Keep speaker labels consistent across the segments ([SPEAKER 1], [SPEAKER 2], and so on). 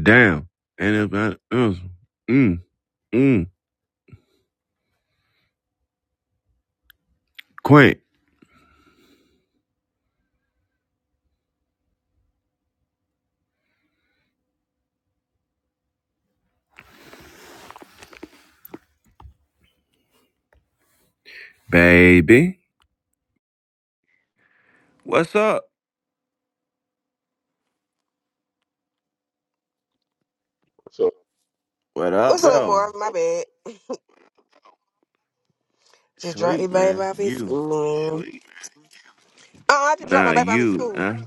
[SPEAKER 1] Damn. and about else. Mm, mm. quaint, Baby. What's up?
[SPEAKER 2] So
[SPEAKER 1] What up,
[SPEAKER 3] What's up,
[SPEAKER 1] though?
[SPEAKER 3] Marv? My bad. Just dropped the
[SPEAKER 1] Sleep,
[SPEAKER 3] baby
[SPEAKER 1] man.
[SPEAKER 3] off at
[SPEAKER 1] You.
[SPEAKER 3] school. Man. Oh, I just dropped
[SPEAKER 1] Nah,
[SPEAKER 3] my baby off at
[SPEAKER 1] you,
[SPEAKER 3] school.
[SPEAKER 1] huh?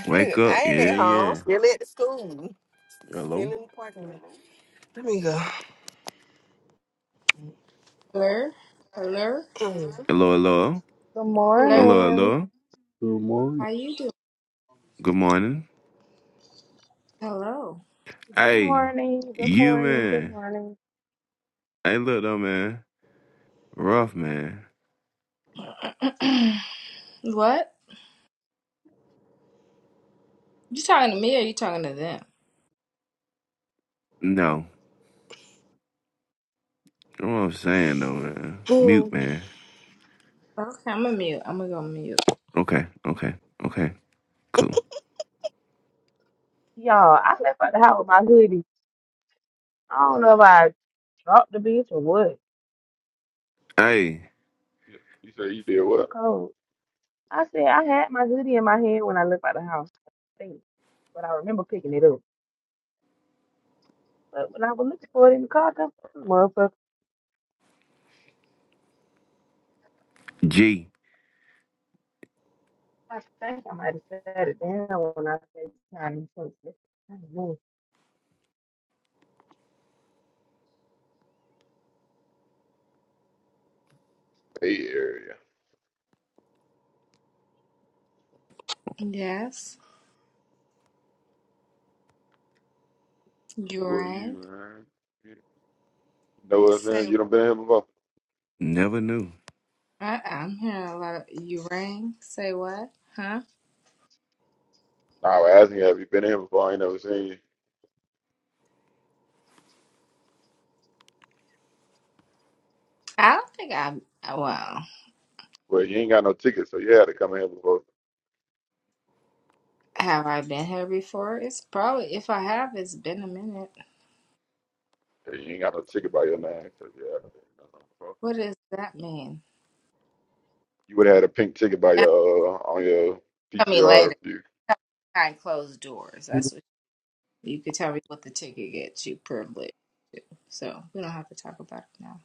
[SPEAKER 1] Wake up.
[SPEAKER 3] I ain't
[SPEAKER 1] Yeah,
[SPEAKER 3] at home.
[SPEAKER 1] yeah.
[SPEAKER 3] Still at the school. Still
[SPEAKER 1] Hello?
[SPEAKER 3] in the parking lot. Let me
[SPEAKER 4] Hello, hello,
[SPEAKER 1] Hello, hello.
[SPEAKER 5] Good
[SPEAKER 4] hello.
[SPEAKER 1] Hello,
[SPEAKER 5] morning.
[SPEAKER 1] hello.
[SPEAKER 6] Good
[SPEAKER 4] How
[SPEAKER 6] morning.
[SPEAKER 4] you doing?
[SPEAKER 1] Good morning.
[SPEAKER 4] Hello.
[SPEAKER 5] Good
[SPEAKER 1] Hey,
[SPEAKER 5] morning. Good
[SPEAKER 1] you,
[SPEAKER 5] morning. Good
[SPEAKER 1] man.
[SPEAKER 5] morning.
[SPEAKER 1] Hey, look, though, man. Rough, man.
[SPEAKER 4] what? You talking to me or you talking to them?
[SPEAKER 1] No. You know what I'm saying, though, man.
[SPEAKER 3] go.
[SPEAKER 1] Mute, man.
[SPEAKER 4] Okay, I'm gonna mute. I'm gonna go mute.
[SPEAKER 1] Okay, okay, okay. Cool.
[SPEAKER 5] Y'all, I left out the house with my hoodie. I don't know if I dropped the bitch or what.
[SPEAKER 1] Hey,
[SPEAKER 2] you you say you did
[SPEAKER 5] I'm
[SPEAKER 2] what?
[SPEAKER 5] cold. I said I had my hoodie in my hand when I left out the house. I think. But I remember picking it up. But when I was looking for it in the car, the motherfucker,
[SPEAKER 1] G.
[SPEAKER 5] I think I might have sat it down when I said time to take it. I don't know.
[SPEAKER 2] Bay Area.
[SPEAKER 4] Yes. You
[SPEAKER 2] Who are you,
[SPEAKER 4] rang.
[SPEAKER 2] man? You know us now?
[SPEAKER 4] Say
[SPEAKER 2] You done been here before?
[SPEAKER 1] Never knew.
[SPEAKER 4] I, I'm hearing a lot of you rang. Say what? Huh?
[SPEAKER 2] Nah, I was asking you, have you been here before? I ain't never seen you.
[SPEAKER 4] I don't think I. Well,
[SPEAKER 2] Well, you ain't got no ticket, so you had to come here before.
[SPEAKER 4] have I been here before? It's probably if I have, it's been a minute.
[SPEAKER 2] Yeah, You ain't got no ticket by your name, so you had to come here before.
[SPEAKER 4] What does that mean?
[SPEAKER 2] You would have had a pink ticket by
[SPEAKER 4] Uh,
[SPEAKER 2] your uh, on your
[SPEAKER 4] Tell me
[SPEAKER 2] PTR
[SPEAKER 4] later.
[SPEAKER 2] if you.
[SPEAKER 4] Behind closed doors. That's what you could tell me what the ticket gets you privilege. So we don't have to talk about it now.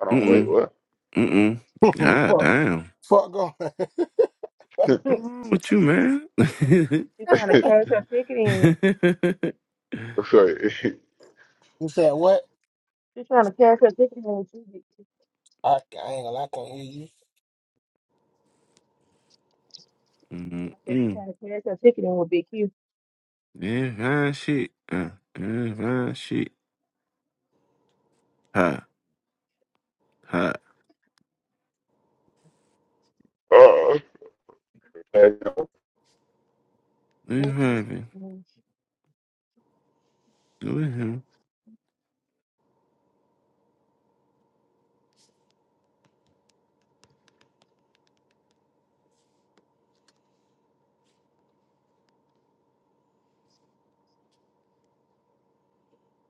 [SPEAKER 2] I don't
[SPEAKER 4] And
[SPEAKER 2] wait.
[SPEAKER 1] Mm-mm.
[SPEAKER 2] What?
[SPEAKER 1] Mm-mm. God
[SPEAKER 7] fuck,
[SPEAKER 1] damn.
[SPEAKER 7] fuck on.
[SPEAKER 5] She
[SPEAKER 1] What's
[SPEAKER 5] think-
[SPEAKER 1] wrong with you, man?
[SPEAKER 5] she trying to cash her ticket in.
[SPEAKER 2] Wait.
[SPEAKER 7] You said what?
[SPEAKER 5] She trying to cash her ticket in with you. Big Q.
[SPEAKER 7] I, I ain't gonna lie, I can't hear
[SPEAKER 5] I said she
[SPEAKER 1] Mm-mm.
[SPEAKER 5] trying to cash her ticket in with Big Q.
[SPEAKER 1] Yeah, fine shit. Uh, yeah, fine shit. Ha, ha.
[SPEAKER 2] Oh,
[SPEAKER 1] You happy.
[SPEAKER 7] you.
[SPEAKER 1] Do it him.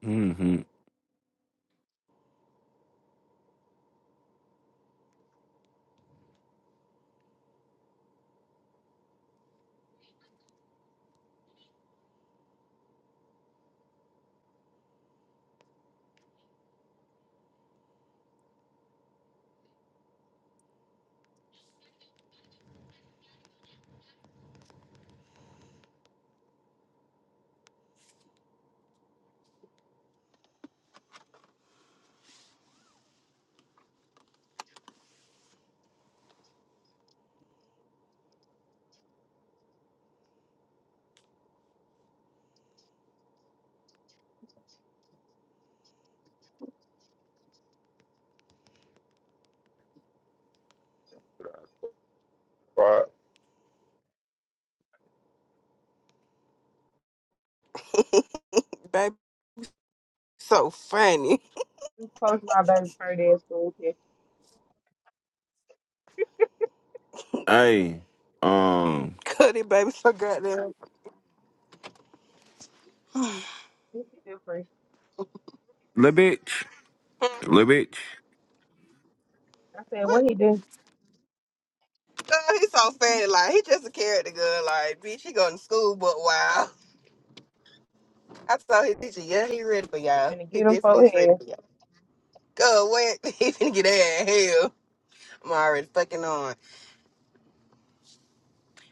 [SPEAKER 1] Mm-hmm.
[SPEAKER 2] why?
[SPEAKER 3] Hmm. baby, so funny.
[SPEAKER 5] Post my baby Purdy in school picture.
[SPEAKER 1] Hey, um,
[SPEAKER 3] Cuddy baby, so goddamn.
[SPEAKER 5] What he do for you?
[SPEAKER 1] little bitch,
[SPEAKER 3] Hmm.
[SPEAKER 1] little bitch,
[SPEAKER 5] I said, what
[SPEAKER 3] What?
[SPEAKER 5] he do?
[SPEAKER 3] Uh, he's so funny. Like he just a character, girl. Like bitch, he going to school, but wow. I saw his teacher. Yeah, he ready for
[SPEAKER 5] He
[SPEAKER 3] y'all.
[SPEAKER 5] finna
[SPEAKER 3] He
[SPEAKER 5] get him
[SPEAKER 3] definitely
[SPEAKER 5] four
[SPEAKER 3] is ready
[SPEAKER 5] heads.
[SPEAKER 3] for y'all. Go what? He finna get that hell. I'm already fucking on.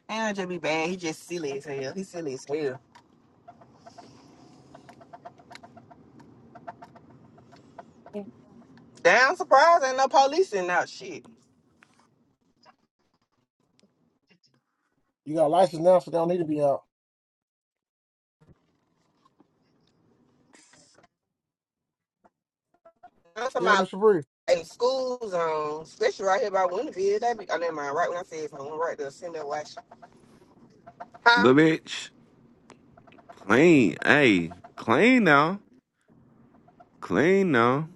[SPEAKER 3] And just be bad. He just silly as hell. He silly as hell. Damn surprised ain't no police in out shit.
[SPEAKER 7] You got a license now, so they don't need to be out.
[SPEAKER 3] I'm talking
[SPEAKER 7] You hear me,
[SPEAKER 3] about
[SPEAKER 7] Shabri?
[SPEAKER 3] in school zones, especially right here by Winterville. That be, I never mind. Right when I said something, right there, send that watch. Huh?
[SPEAKER 1] little bitch. Clean. Hey, clean now. Clean now.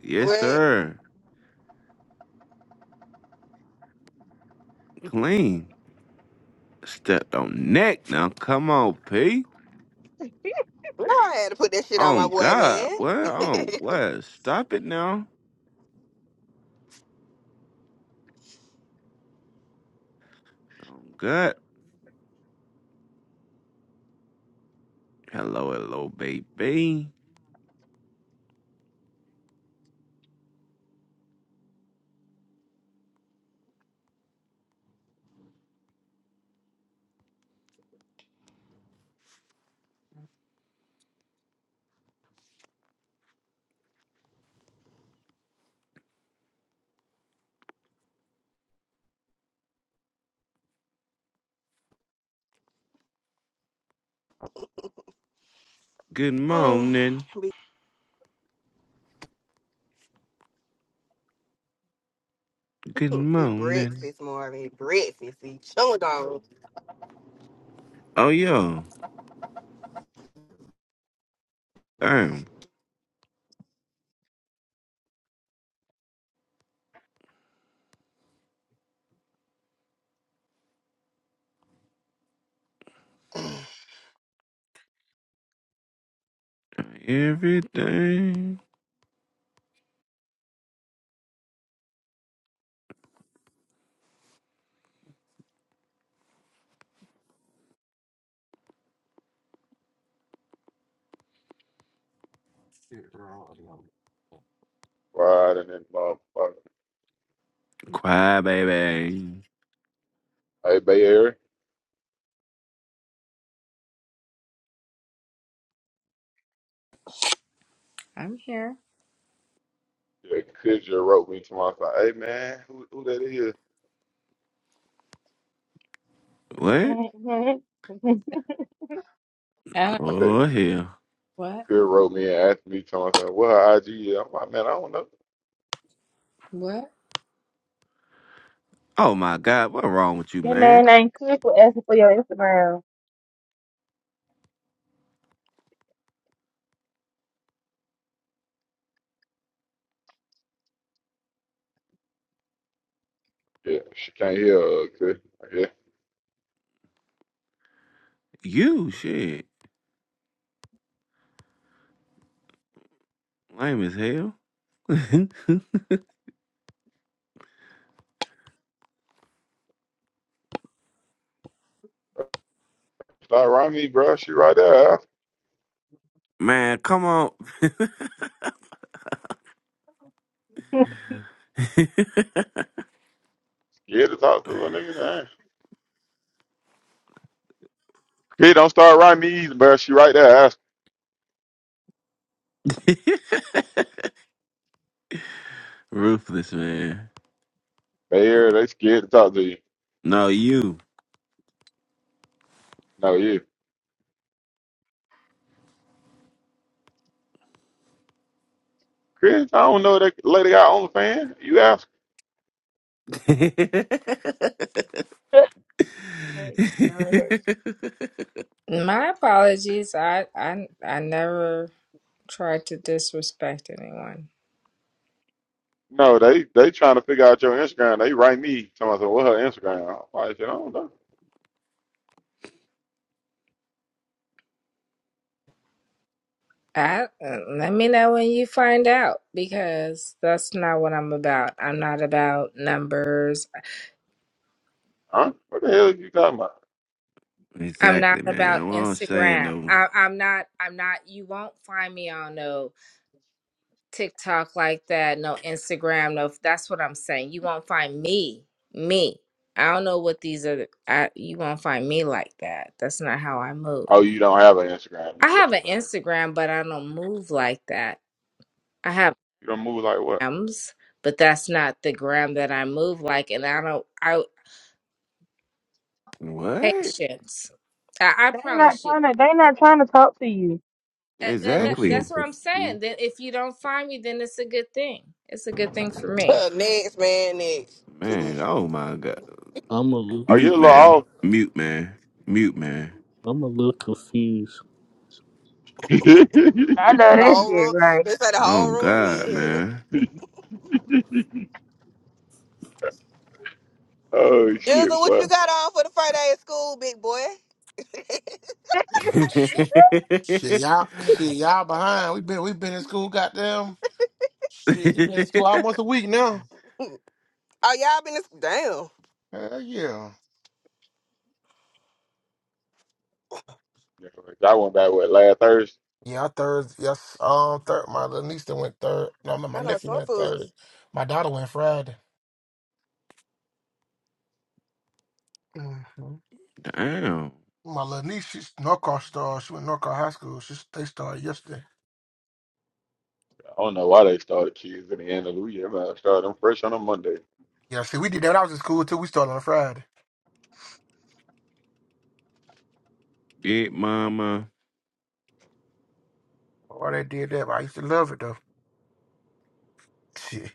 [SPEAKER 1] Yes,
[SPEAKER 3] What?
[SPEAKER 1] sir. Clean. Stepped on neck now. Come on, P.
[SPEAKER 3] No, I had to put that shit on
[SPEAKER 1] Oh
[SPEAKER 3] my boy,
[SPEAKER 1] God,
[SPEAKER 3] man.
[SPEAKER 1] what? Oh what? Stop it now. Oh God. Hello, hello, baby. Good
[SPEAKER 3] mm.
[SPEAKER 1] morning.
[SPEAKER 3] be-
[SPEAKER 1] Good
[SPEAKER 3] It
[SPEAKER 1] morning.
[SPEAKER 3] breakfast, Marvin. It breakfast. He chewing on.
[SPEAKER 1] Oh yo. Damn. Everything.
[SPEAKER 7] Shit, bro.
[SPEAKER 2] Why? And then, motherfucker.
[SPEAKER 1] Quiet, baby.
[SPEAKER 2] Hey, Bay Area.
[SPEAKER 4] I'm here.
[SPEAKER 2] Yeah, Kudra wrote me to my side. Hey man, who who that is?
[SPEAKER 1] What?
[SPEAKER 4] Uh,
[SPEAKER 2] I said
[SPEAKER 1] Oh hell.
[SPEAKER 4] what?
[SPEAKER 2] Kudra wrote me and asked me to my side. What her IG is? I'm like, man, I don't know.
[SPEAKER 4] What?
[SPEAKER 1] Oh my God, what wrong with you,
[SPEAKER 5] that
[SPEAKER 1] man?
[SPEAKER 5] man ain't cook for asking for your Instagram.
[SPEAKER 2] Yeah, she can't hear. Uh, Kudra. yeah,
[SPEAKER 1] You shit. Lame as hell.
[SPEAKER 2] start writing me, bro. She right there. Ask.
[SPEAKER 1] man, come on.
[SPEAKER 2] Scared to talk to a nigga. man. Kid, don't start writing me either, bro. She right there. Ask.
[SPEAKER 1] Ruthless, man.
[SPEAKER 2] They here. They scared to talk to you.
[SPEAKER 1] No, you.
[SPEAKER 2] No, yeah. Chris, I don't know that lady got OnlyFans. You ask.
[SPEAKER 5] Hey, you smell it.
[SPEAKER 4] My apologies. I I I never tried to disrespect anyone.
[SPEAKER 2] No, they they trying to figure out your Instagram. They write me. Someone said, what her Instagram? I'm like, shit, I don't know.
[SPEAKER 4] I uh, let me know when you find out because that's not what I'm about. I'm not about numbers.
[SPEAKER 2] Huh? What the hell are you talking about?
[SPEAKER 4] I'm not
[SPEAKER 1] Exactly,
[SPEAKER 4] about
[SPEAKER 1] man. What I'm saying
[SPEAKER 4] Instagram.
[SPEAKER 1] though.
[SPEAKER 4] I, I'm not. I'm not. You won't find me on no TikTok like that, no Instagram, no. That's what I'm saying. You won't find me, me. I don't know what these are. I, you won't find me like that. That's not how I move.
[SPEAKER 2] Oh, you don't have an Instagram, is
[SPEAKER 4] I
[SPEAKER 2] what
[SPEAKER 4] have
[SPEAKER 2] you're
[SPEAKER 4] an
[SPEAKER 2] saying.
[SPEAKER 4] Instagram, but I don't move like that. I have
[SPEAKER 2] You don't move like what?
[SPEAKER 4] grams, but that's not the gram that I move like. And I don't. I
[SPEAKER 1] What?
[SPEAKER 4] patience. I, I
[SPEAKER 5] They not
[SPEAKER 4] promise you.
[SPEAKER 5] trying to. They not trying to talk to you.
[SPEAKER 4] And, and
[SPEAKER 6] I'm
[SPEAKER 4] that,
[SPEAKER 1] Exactly.
[SPEAKER 6] so
[SPEAKER 4] that's what I'm saying.
[SPEAKER 6] confused.
[SPEAKER 4] Then if you don't find me, then it's a good thing. It's a good thing for me.
[SPEAKER 3] Uh, Next, man. Next. Too
[SPEAKER 1] Man,
[SPEAKER 3] bougie.
[SPEAKER 1] oh my god.
[SPEAKER 6] I'm a little
[SPEAKER 2] Are you a
[SPEAKER 1] Mute
[SPEAKER 2] little
[SPEAKER 1] man.
[SPEAKER 2] off?
[SPEAKER 6] confused.
[SPEAKER 1] Mute man. Mute man.
[SPEAKER 6] I'm a little confused.
[SPEAKER 5] I love that
[SPEAKER 3] Whole
[SPEAKER 5] shit.
[SPEAKER 3] room.
[SPEAKER 5] Right?
[SPEAKER 3] Let's say the
[SPEAKER 1] Oh
[SPEAKER 3] whole room in
[SPEAKER 1] god,
[SPEAKER 3] here.
[SPEAKER 1] man.
[SPEAKER 2] oh
[SPEAKER 3] Jizzle,
[SPEAKER 2] shit,
[SPEAKER 3] what you
[SPEAKER 2] boy.
[SPEAKER 3] got on for the Friday at school, big boy?
[SPEAKER 7] Shit, shit, y'all, shit, y'all behind. We been, we been in school, goddamn. Shit, we been in school almost a week now.
[SPEAKER 3] Oh, y'all been this damn.
[SPEAKER 7] Hell yeah.
[SPEAKER 2] I went back what last Thursday.
[SPEAKER 7] Yeah, I third. Yes, um, third. My little niece that went third. No, my my
[SPEAKER 3] I know
[SPEAKER 7] nephew
[SPEAKER 3] some
[SPEAKER 7] went third.
[SPEAKER 3] foods.
[SPEAKER 7] My daughter went Friday. hmm
[SPEAKER 1] Damn.
[SPEAKER 7] My little niece, she's Norcross star. She went Norcross High School. She they started yesterday.
[SPEAKER 2] I don't know why they started kids in the end of the week. I started them fresh on a Monday.
[SPEAKER 7] Yeah, see, we did that when I was in school too. We started on a Friday.
[SPEAKER 1] Big mama.
[SPEAKER 7] Why they did that? But I used to love it though. Shit,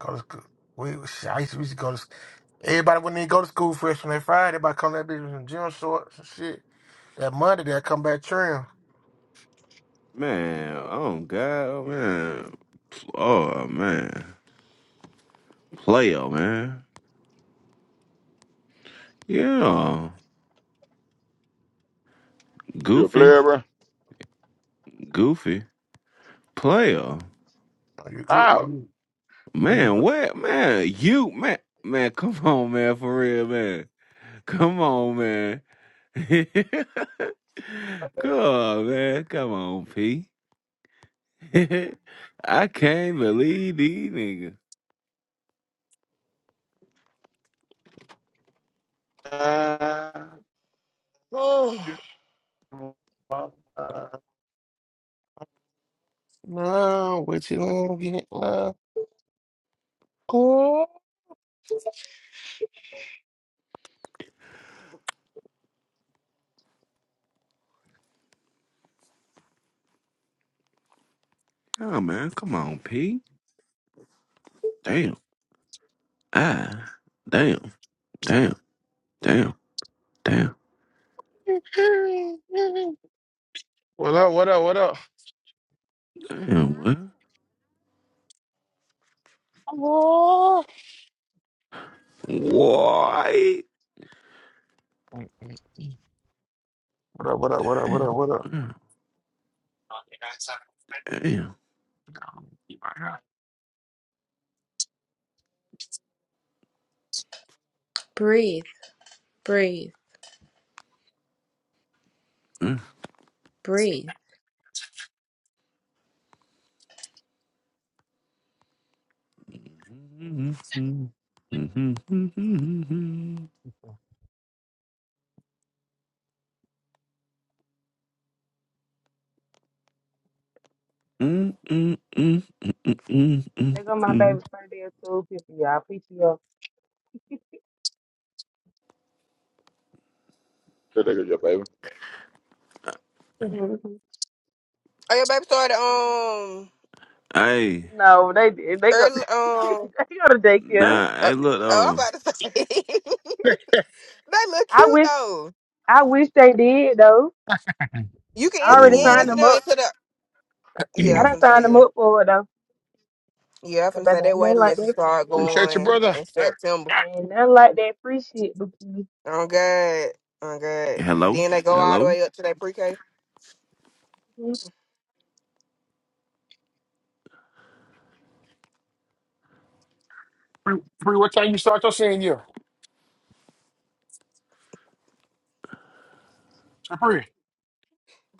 [SPEAKER 7] go to school. We, shit, I used to, we used to go to. sc- Everybody wouldn't even go to school fresh on that Friday. Everybody come that bitch in gym shorts and shit. That Monday they come back trim.
[SPEAKER 1] Man, oh god, oh man. Oh man. Player, man. Yeah.
[SPEAKER 2] You a
[SPEAKER 1] Goofy.
[SPEAKER 2] player, bro?
[SPEAKER 1] Goofy. Player.
[SPEAKER 7] Are you good? Are
[SPEAKER 2] Ow.
[SPEAKER 7] you? Are you
[SPEAKER 1] Man,
[SPEAKER 7] good?
[SPEAKER 1] what man? You man, man, come on, man, for real, man. Come on, man. come on, man. Come on, P. I can't believe these niggas.
[SPEAKER 2] Uh,
[SPEAKER 3] Mm. Oh,
[SPEAKER 2] you-
[SPEAKER 7] Uh,
[SPEAKER 2] That
[SPEAKER 7] no, what you gonna get? love? Oh,
[SPEAKER 1] Oh man, come on, P. Damn. Ah. Damn. Damn. Damn. Damn.
[SPEAKER 7] What up? What up? What up?
[SPEAKER 1] Damn. What?
[SPEAKER 7] Oh.
[SPEAKER 1] Why?
[SPEAKER 7] What up? What up? What up? What
[SPEAKER 1] Damn.
[SPEAKER 7] up?
[SPEAKER 1] what? Damn.
[SPEAKER 7] What up?
[SPEAKER 4] Breathe, breathe, breathe.
[SPEAKER 1] Mm. Mm, mm,
[SPEAKER 5] They go my baby's
[SPEAKER 1] mm.
[SPEAKER 5] birthday at school. Picture y'all. PTO.
[SPEAKER 2] nigga your baby.
[SPEAKER 5] Mhm.
[SPEAKER 3] your baby started um
[SPEAKER 1] Hey,
[SPEAKER 5] No, they did. They go.
[SPEAKER 3] early
[SPEAKER 5] they
[SPEAKER 3] um.
[SPEAKER 5] go to daycare.
[SPEAKER 1] nah,
[SPEAKER 3] Uh,
[SPEAKER 1] hey, look
[SPEAKER 3] oh, I was
[SPEAKER 1] though.
[SPEAKER 3] about to say they look
[SPEAKER 5] I
[SPEAKER 3] cute
[SPEAKER 5] wish.
[SPEAKER 3] though.
[SPEAKER 5] I wish they did though.
[SPEAKER 3] You can
[SPEAKER 5] I
[SPEAKER 3] instant
[SPEAKER 5] already
[SPEAKER 3] you ain't
[SPEAKER 5] signed
[SPEAKER 3] instant
[SPEAKER 5] them
[SPEAKER 1] Oh,
[SPEAKER 5] up.
[SPEAKER 3] into the yeah.
[SPEAKER 5] I
[SPEAKER 3] I'm
[SPEAKER 5] done
[SPEAKER 3] finna
[SPEAKER 5] signed
[SPEAKER 3] say
[SPEAKER 5] them
[SPEAKER 3] yeah.
[SPEAKER 5] up for it
[SPEAKER 3] Yeah, I'm
[SPEAKER 5] Cause
[SPEAKER 3] finna say
[SPEAKER 5] baby,
[SPEAKER 3] that
[SPEAKER 5] ain't nothing
[SPEAKER 3] waiting
[SPEAKER 5] like
[SPEAKER 3] list will
[SPEAKER 5] that.
[SPEAKER 3] start
[SPEAKER 7] Appreciate your
[SPEAKER 3] going
[SPEAKER 7] brother.
[SPEAKER 3] in September.
[SPEAKER 5] Ain't nothing like that free shit. But you
[SPEAKER 3] Oh God, oh God.
[SPEAKER 1] hello,
[SPEAKER 3] Then they go all the
[SPEAKER 1] hello.
[SPEAKER 3] way up to that pre-K.
[SPEAKER 5] get
[SPEAKER 7] Free, free, what time you start your senior year? Free.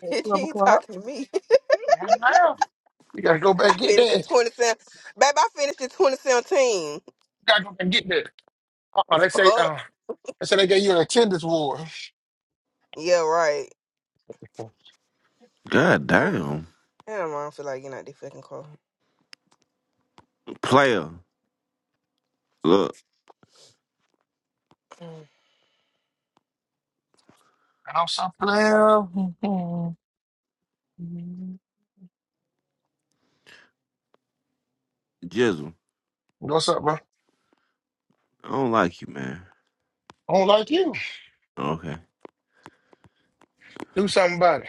[SPEAKER 5] free at
[SPEAKER 3] Bitch, you
[SPEAKER 5] twelve
[SPEAKER 3] ain't
[SPEAKER 5] o'clock,
[SPEAKER 3] talking to me.
[SPEAKER 7] now. You gotta go back
[SPEAKER 3] I
[SPEAKER 7] and get
[SPEAKER 3] finished
[SPEAKER 7] that.
[SPEAKER 3] in
[SPEAKER 7] You
[SPEAKER 3] 2017. Baby, I finished in 2017.
[SPEAKER 7] gotta go back and get that. Uh uh they say
[SPEAKER 3] Oh,
[SPEAKER 7] uh they say they gave you an attendance award.
[SPEAKER 3] yeah, right.
[SPEAKER 7] And
[SPEAKER 1] God damn,
[SPEAKER 3] Hell, no, I don't feel like getting out there fucking car.
[SPEAKER 1] player. Look,
[SPEAKER 7] I'm something else.
[SPEAKER 1] Jizzle,
[SPEAKER 7] What's up, bro? I
[SPEAKER 1] I don't like you, man.
[SPEAKER 7] don't like you.
[SPEAKER 1] Okay,
[SPEAKER 7] Do something about it.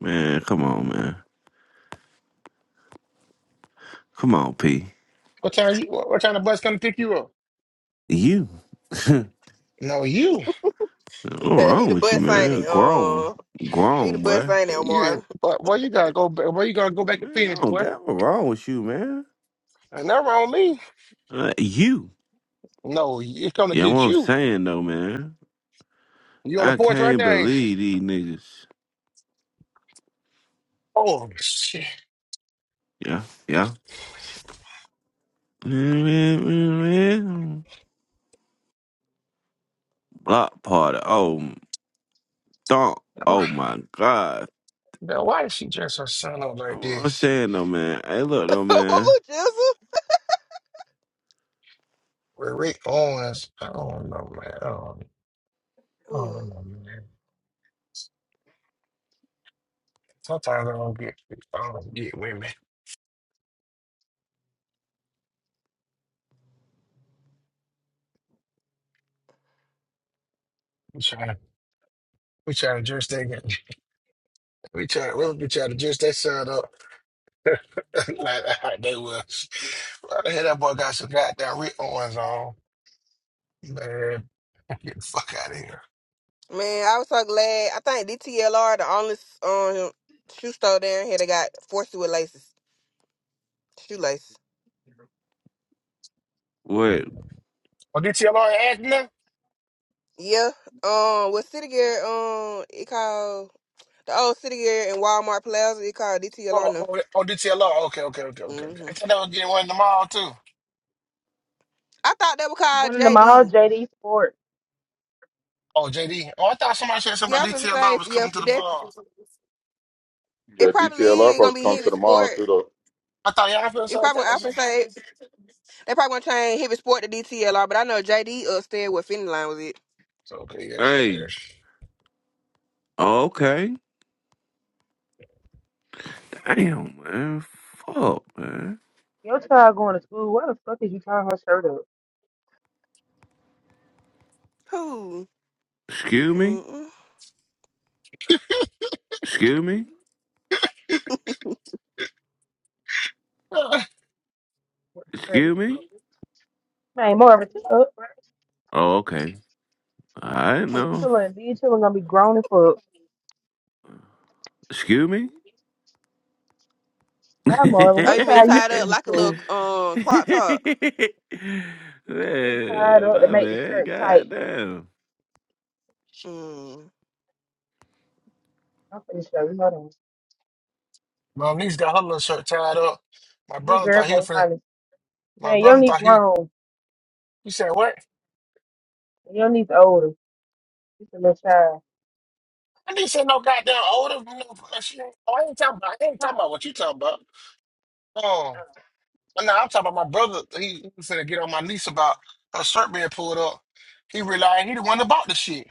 [SPEAKER 1] man, come on, man, come on, P.
[SPEAKER 7] What time you what, what time the bus come pick you up?
[SPEAKER 1] You, what
[SPEAKER 7] No, you.
[SPEAKER 3] he
[SPEAKER 1] wrong
[SPEAKER 3] the
[SPEAKER 1] with you,
[SPEAKER 3] bus ain't
[SPEAKER 1] man?
[SPEAKER 3] it?
[SPEAKER 1] Grown,
[SPEAKER 3] Um, he the
[SPEAKER 1] grown
[SPEAKER 3] bus
[SPEAKER 1] boy.
[SPEAKER 3] ain't it,
[SPEAKER 7] You
[SPEAKER 3] Omar?
[SPEAKER 7] but where you gotta go back where you gotta go back and
[SPEAKER 1] Man,
[SPEAKER 7] finish,
[SPEAKER 1] I don't
[SPEAKER 7] boy?
[SPEAKER 1] got what wrong with you, man.
[SPEAKER 7] And that wrong me.
[SPEAKER 1] Uh, you,
[SPEAKER 7] No, it's coming
[SPEAKER 1] yeah,
[SPEAKER 7] to
[SPEAKER 1] what
[SPEAKER 7] get
[SPEAKER 1] I'm
[SPEAKER 7] you.
[SPEAKER 1] saying though, man.
[SPEAKER 7] You on the
[SPEAKER 1] I
[SPEAKER 7] porch right
[SPEAKER 1] can't
[SPEAKER 7] now, ain't you?
[SPEAKER 1] believe these niggas.
[SPEAKER 7] Oh shit.
[SPEAKER 1] Yeah, yeah. Block party. Oh, don't. Oh my God.
[SPEAKER 7] Now, why did she dress her son up like
[SPEAKER 1] I'm not
[SPEAKER 7] this?
[SPEAKER 1] saying though, man. Hey, look though, man.
[SPEAKER 3] oh, Jesus.
[SPEAKER 7] With Rick Owens, I don't know, man. I don't, I don't
[SPEAKER 3] Ooh.
[SPEAKER 7] know, man. Sometimes I don't get, I don't get women. We try to, we try to dress that, guy- we try, we we try to dress that son up like how they was. Why the hell that boy got some goddamn Rick Owens on? Man, get the fuck out of here.
[SPEAKER 3] Man, I was so glad. I think DTLR the only um shoe store down here that got forced with laces, shoelace.
[SPEAKER 1] Wait.
[SPEAKER 7] Oh, DTLR acting now?
[SPEAKER 3] Yeah. Um, with City Gear, um, it called the old City Gear in Walmart Plaza. It called DTLR
[SPEAKER 7] Oh,
[SPEAKER 3] now.
[SPEAKER 7] oh, yeah. oh, DTLR. Okay, okay, okay, okay. okay.
[SPEAKER 3] hmm
[SPEAKER 7] I thought they was getting one in the mall too.
[SPEAKER 3] I thought that was called
[SPEAKER 5] one of them all
[SPEAKER 3] JD.
[SPEAKER 5] JD Sports.
[SPEAKER 7] Oh, JD. Oh, I thought somebody said
[SPEAKER 3] Yeah,
[SPEAKER 7] somebody
[SPEAKER 3] I'm gonna
[SPEAKER 7] DTLR
[SPEAKER 3] say
[SPEAKER 7] was
[SPEAKER 3] yeah,
[SPEAKER 7] coming to the
[SPEAKER 3] that
[SPEAKER 7] bar.
[SPEAKER 3] it
[SPEAKER 2] Your
[SPEAKER 3] probably
[SPEAKER 2] DTLR
[SPEAKER 3] is gonna
[SPEAKER 2] supposed to
[SPEAKER 3] be
[SPEAKER 2] come
[SPEAKER 3] hit
[SPEAKER 2] to
[SPEAKER 3] with
[SPEAKER 2] the mall
[SPEAKER 3] sport.
[SPEAKER 2] too though.
[SPEAKER 7] I thought y'all feel
[SPEAKER 3] It
[SPEAKER 7] so like
[SPEAKER 3] probably
[SPEAKER 7] that.
[SPEAKER 3] gonna
[SPEAKER 7] So
[SPEAKER 3] actually say they probably gonna change heavy sport to DTLR, but I know JD upstairs with Finny Line was it.
[SPEAKER 7] so, okay, yes,
[SPEAKER 1] Hey.
[SPEAKER 7] yes.
[SPEAKER 1] Okay. Damn, man. Fuck, man.
[SPEAKER 5] Your child going to school? Why the fuck is you tying her shirt up?
[SPEAKER 3] Who?
[SPEAKER 1] Excuse me.
[SPEAKER 3] Mm-mm.
[SPEAKER 1] Excuse me.
[SPEAKER 7] Uh,
[SPEAKER 5] What the
[SPEAKER 1] Excuse me.
[SPEAKER 5] fuck? Man, Marvin, shut up.
[SPEAKER 1] Oh, okay. I
[SPEAKER 5] Be
[SPEAKER 1] know.
[SPEAKER 5] chillin', be chillin' gonna be grown and fuck.
[SPEAKER 1] Excuse me.
[SPEAKER 5] Bye, Marvin.
[SPEAKER 3] Oh, you
[SPEAKER 5] What
[SPEAKER 3] mean
[SPEAKER 5] child you
[SPEAKER 3] tied up
[SPEAKER 5] finna
[SPEAKER 3] like a little
[SPEAKER 5] to?
[SPEAKER 3] um crop top?
[SPEAKER 5] Get tied
[SPEAKER 1] man,
[SPEAKER 5] up to
[SPEAKER 1] my
[SPEAKER 5] make the
[SPEAKER 1] man.
[SPEAKER 5] shirt tight.
[SPEAKER 1] Goddamn.
[SPEAKER 3] Mm.
[SPEAKER 5] I'm finna show you. Hold on.
[SPEAKER 7] My niece got her little shirt tied up. My
[SPEAKER 5] Be
[SPEAKER 7] brother
[SPEAKER 5] girl
[SPEAKER 7] thought he
[SPEAKER 5] gonna
[SPEAKER 7] was finna.
[SPEAKER 5] find it.
[SPEAKER 7] My
[SPEAKER 5] Man, you don't
[SPEAKER 7] brother
[SPEAKER 5] need
[SPEAKER 7] thought he.
[SPEAKER 5] grown.
[SPEAKER 7] He said what?
[SPEAKER 5] You don't need the older. It's a little child.
[SPEAKER 7] I didn't say no goddamn older. no, shit. Oh, I ain't talking about. I ain't
[SPEAKER 5] Huh?
[SPEAKER 7] talking about what you talking about. Oh, no, I'm talking about my brother. He, he finna get on my niece about her shirt being pulled up. He realized he the one that bought the shit.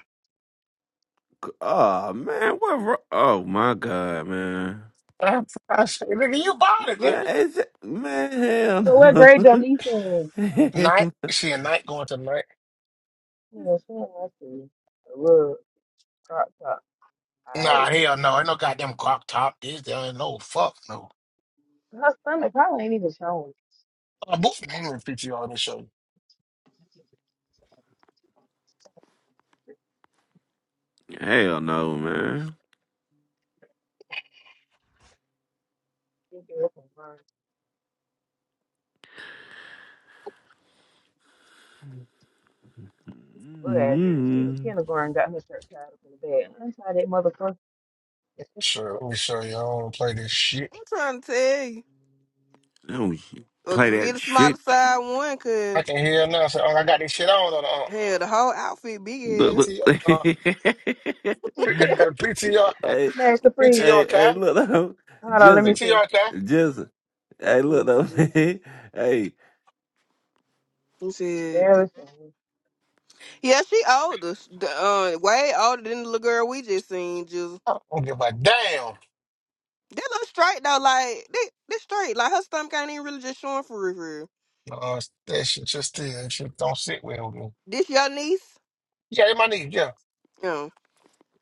[SPEAKER 1] Oh man, what? wro- Oh my god, man.
[SPEAKER 7] I I said, nigga, you bought it,
[SPEAKER 1] Man,
[SPEAKER 7] nigga.
[SPEAKER 1] is it, man, hell
[SPEAKER 5] But what
[SPEAKER 1] no,
[SPEAKER 5] grade your niece in?
[SPEAKER 7] Night.
[SPEAKER 1] hell
[SPEAKER 7] She a night going to night.
[SPEAKER 5] You know, she had must be a little crop top. I
[SPEAKER 7] Nah, hell no. Ain't no goddamn crop top. This there ain't no fuck no.
[SPEAKER 5] her stomach probably ain't even showing.
[SPEAKER 7] Uh, both of them PTR. Let me show you.
[SPEAKER 1] hell no, man.
[SPEAKER 5] Ridiculous and learn good at her. She in
[SPEAKER 1] mm
[SPEAKER 5] kindergarten got her shirt tied up in the bed. I'm that
[SPEAKER 7] Sure, let me show you. I don't want to play this
[SPEAKER 3] I'm
[SPEAKER 7] shit.
[SPEAKER 3] trying to tell you.
[SPEAKER 1] Don't you
[SPEAKER 3] Or
[SPEAKER 1] play
[SPEAKER 3] could get
[SPEAKER 1] that
[SPEAKER 3] a smaller
[SPEAKER 1] shit.
[SPEAKER 3] size one,
[SPEAKER 7] I
[SPEAKER 3] cause
[SPEAKER 7] can hear him now. Say, oh, I got this shit on. on on.
[SPEAKER 3] hell, the whole outfit big as
[SPEAKER 1] Look,
[SPEAKER 3] hell.
[SPEAKER 1] look.
[SPEAKER 7] PTR,
[SPEAKER 1] hey,
[SPEAKER 5] motherfucker.
[SPEAKER 7] PTR,
[SPEAKER 1] hey,
[SPEAKER 5] Master Free.
[SPEAKER 7] PTR,
[SPEAKER 1] hey,
[SPEAKER 7] Kai,
[SPEAKER 1] look though,
[SPEAKER 5] Hold on, let me
[SPEAKER 1] Jizzle,
[SPEAKER 5] see.
[SPEAKER 7] PTR, Kai.
[SPEAKER 1] Jizzle. Hey,
[SPEAKER 3] Let
[SPEAKER 1] look
[SPEAKER 3] me
[SPEAKER 1] though,
[SPEAKER 3] see.
[SPEAKER 1] man. Hey,
[SPEAKER 3] He said, pe-
[SPEAKER 5] Embarrassing.
[SPEAKER 3] "Yeah, she older, Sh- the, uh, way older than the little girl we just seen. Just
[SPEAKER 7] I don't give a damn.
[SPEAKER 3] that look straight though, like they, they straight. Like her stomach ain't even really just showing for real. for real.
[SPEAKER 7] Uh, that shit just still that shit don't sit well with me.
[SPEAKER 3] This your niece?
[SPEAKER 7] Yeah, they my nigga. Yeah,
[SPEAKER 3] Yeah.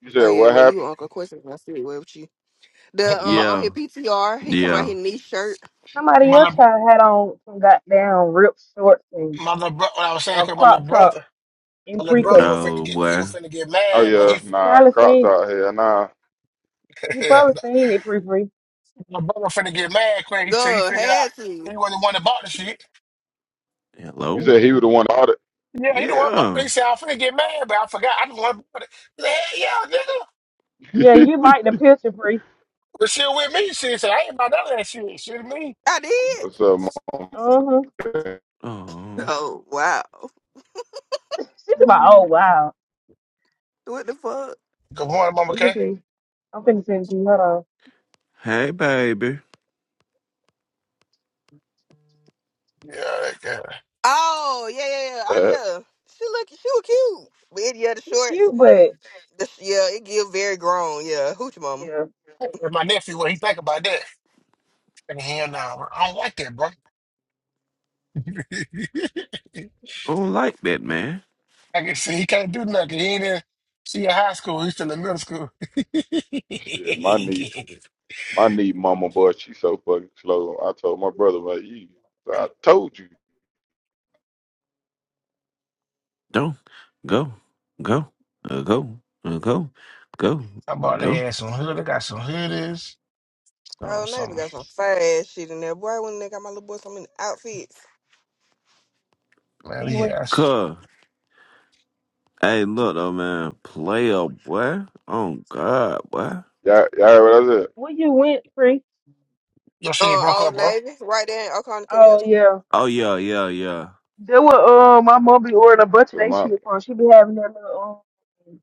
[SPEAKER 2] You
[SPEAKER 3] Oh
[SPEAKER 2] said
[SPEAKER 3] yeah,
[SPEAKER 2] what
[SPEAKER 3] well you
[SPEAKER 2] happened?
[SPEAKER 3] were Uncle Question. I see it. Where with you? The
[SPEAKER 7] But my
[SPEAKER 3] uh, on
[SPEAKER 1] yeah,
[SPEAKER 3] his PTR, he talking about
[SPEAKER 1] yeah.
[SPEAKER 3] his niece shirt.
[SPEAKER 5] Somebody
[SPEAKER 7] my
[SPEAKER 5] else
[SPEAKER 7] little,
[SPEAKER 5] child had on some goddamn ripped shorts and
[SPEAKER 7] my little bro. What I was saying,
[SPEAKER 5] a
[SPEAKER 7] 'cause my little
[SPEAKER 5] crop top
[SPEAKER 7] brother.
[SPEAKER 5] in
[SPEAKER 7] My little brother
[SPEAKER 5] pre-K.
[SPEAKER 7] was finna
[SPEAKER 1] No,
[SPEAKER 7] get, he
[SPEAKER 1] boy.
[SPEAKER 7] was finna get
[SPEAKER 2] Oh
[SPEAKER 7] mad, but he,
[SPEAKER 2] yeah,
[SPEAKER 5] You
[SPEAKER 2] nah,
[SPEAKER 5] probably
[SPEAKER 2] Crocs
[SPEAKER 5] seen
[SPEAKER 2] out here, nah.
[SPEAKER 5] you probably seen it pre pre.
[SPEAKER 7] my brother finna get mad quick. He, till he
[SPEAKER 3] God
[SPEAKER 7] figured out
[SPEAKER 3] had to.
[SPEAKER 7] he wasn't the one that bought the shit.
[SPEAKER 2] You
[SPEAKER 5] Let
[SPEAKER 1] Hello.
[SPEAKER 5] me
[SPEAKER 2] said he was
[SPEAKER 5] see.
[SPEAKER 2] the one that bought
[SPEAKER 7] Yeah, you know what? My
[SPEAKER 1] Yeah.
[SPEAKER 7] they said I am finna get mad, but I forgot. I just want to put it. He said, Hell yeah, nigga.
[SPEAKER 5] Yeah,
[SPEAKER 2] it.
[SPEAKER 5] you like the picture pre.
[SPEAKER 7] But she with me. She said, I ain't about none of that shit. She with me.
[SPEAKER 3] I did.
[SPEAKER 2] What's up,
[SPEAKER 5] Uh huh.
[SPEAKER 2] mom?
[SPEAKER 1] Oh,
[SPEAKER 3] Oh wow.
[SPEAKER 5] She's about,
[SPEAKER 8] morning.
[SPEAKER 5] oh wow.
[SPEAKER 3] What the fuck?
[SPEAKER 7] Good morning, Mama
[SPEAKER 5] Let me
[SPEAKER 7] K.
[SPEAKER 5] see. I'm finna send it to you. Hold on.
[SPEAKER 1] hey, baby.
[SPEAKER 7] Yeah, that guy.
[SPEAKER 3] Oh yeah, yeah, yeah. Oh
[SPEAKER 2] Uh,
[SPEAKER 3] yeah. She look, she was cute. But yeah, the
[SPEAKER 5] She
[SPEAKER 3] shorts.
[SPEAKER 5] cute, but
[SPEAKER 3] The, sh- yeah, it give very grown. Yeah, hoochie mama.
[SPEAKER 5] yeah.
[SPEAKER 7] And my nephew, what he think about that? And hell no, nah, I don't like that, bro.
[SPEAKER 1] I don't like that, man.
[SPEAKER 7] I can see he can't do nothing. He ain't in she in high school, he's still in middle school.
[SPEAKER 2] shit, my knee, my knee, mama boy, she so fucking slow. I told my brother, like, you, I told you,
[SPEAKER 1] Don't go, go, uh, go, uh, go, go,
[SPEAKER 7] I bought
[SPEAKER 1] go.
[SPEAKER 7] their ass some hood. They got some hoodies. So
[SPEAKER 3] Oh, Navy
[SPEAKER 7] some
[SPEAKER 3] got some fast shit in there. Boy, when they got my little boy some in outfits.
[SPEAKER 7] man, yeah.
[SPEAKER 5] Anyway,
[SPEAKER 7] that's-
[SPEAKER 1] Cuz, hey, look though, man, player boy. Oh God, boy.
[SPEAKER 2] y'all, y'all heard what I said.
[SPEAKER 5] where you went, free?
[SPEAKER 7] Your shit
[SPEAKER 3] Uh,
[SPEAKER 7] broke up,
[SPEAKER 3] Old
[SPEAKER 7] bro.
[SPEAKER 3] Navy, right there in Oconee,
[SPEAKER 5] Oh yeah.
[SPEAKER 1] Oh yeah, yeah, yeah.
[SPEAKER 5] That was um my mom be ordering a bunch of
[SPEAKER 2] I said,
[SPEAKER 5] that
[SPEAKER 2] my,
[SPEAKER 5] shit from. She be having that little um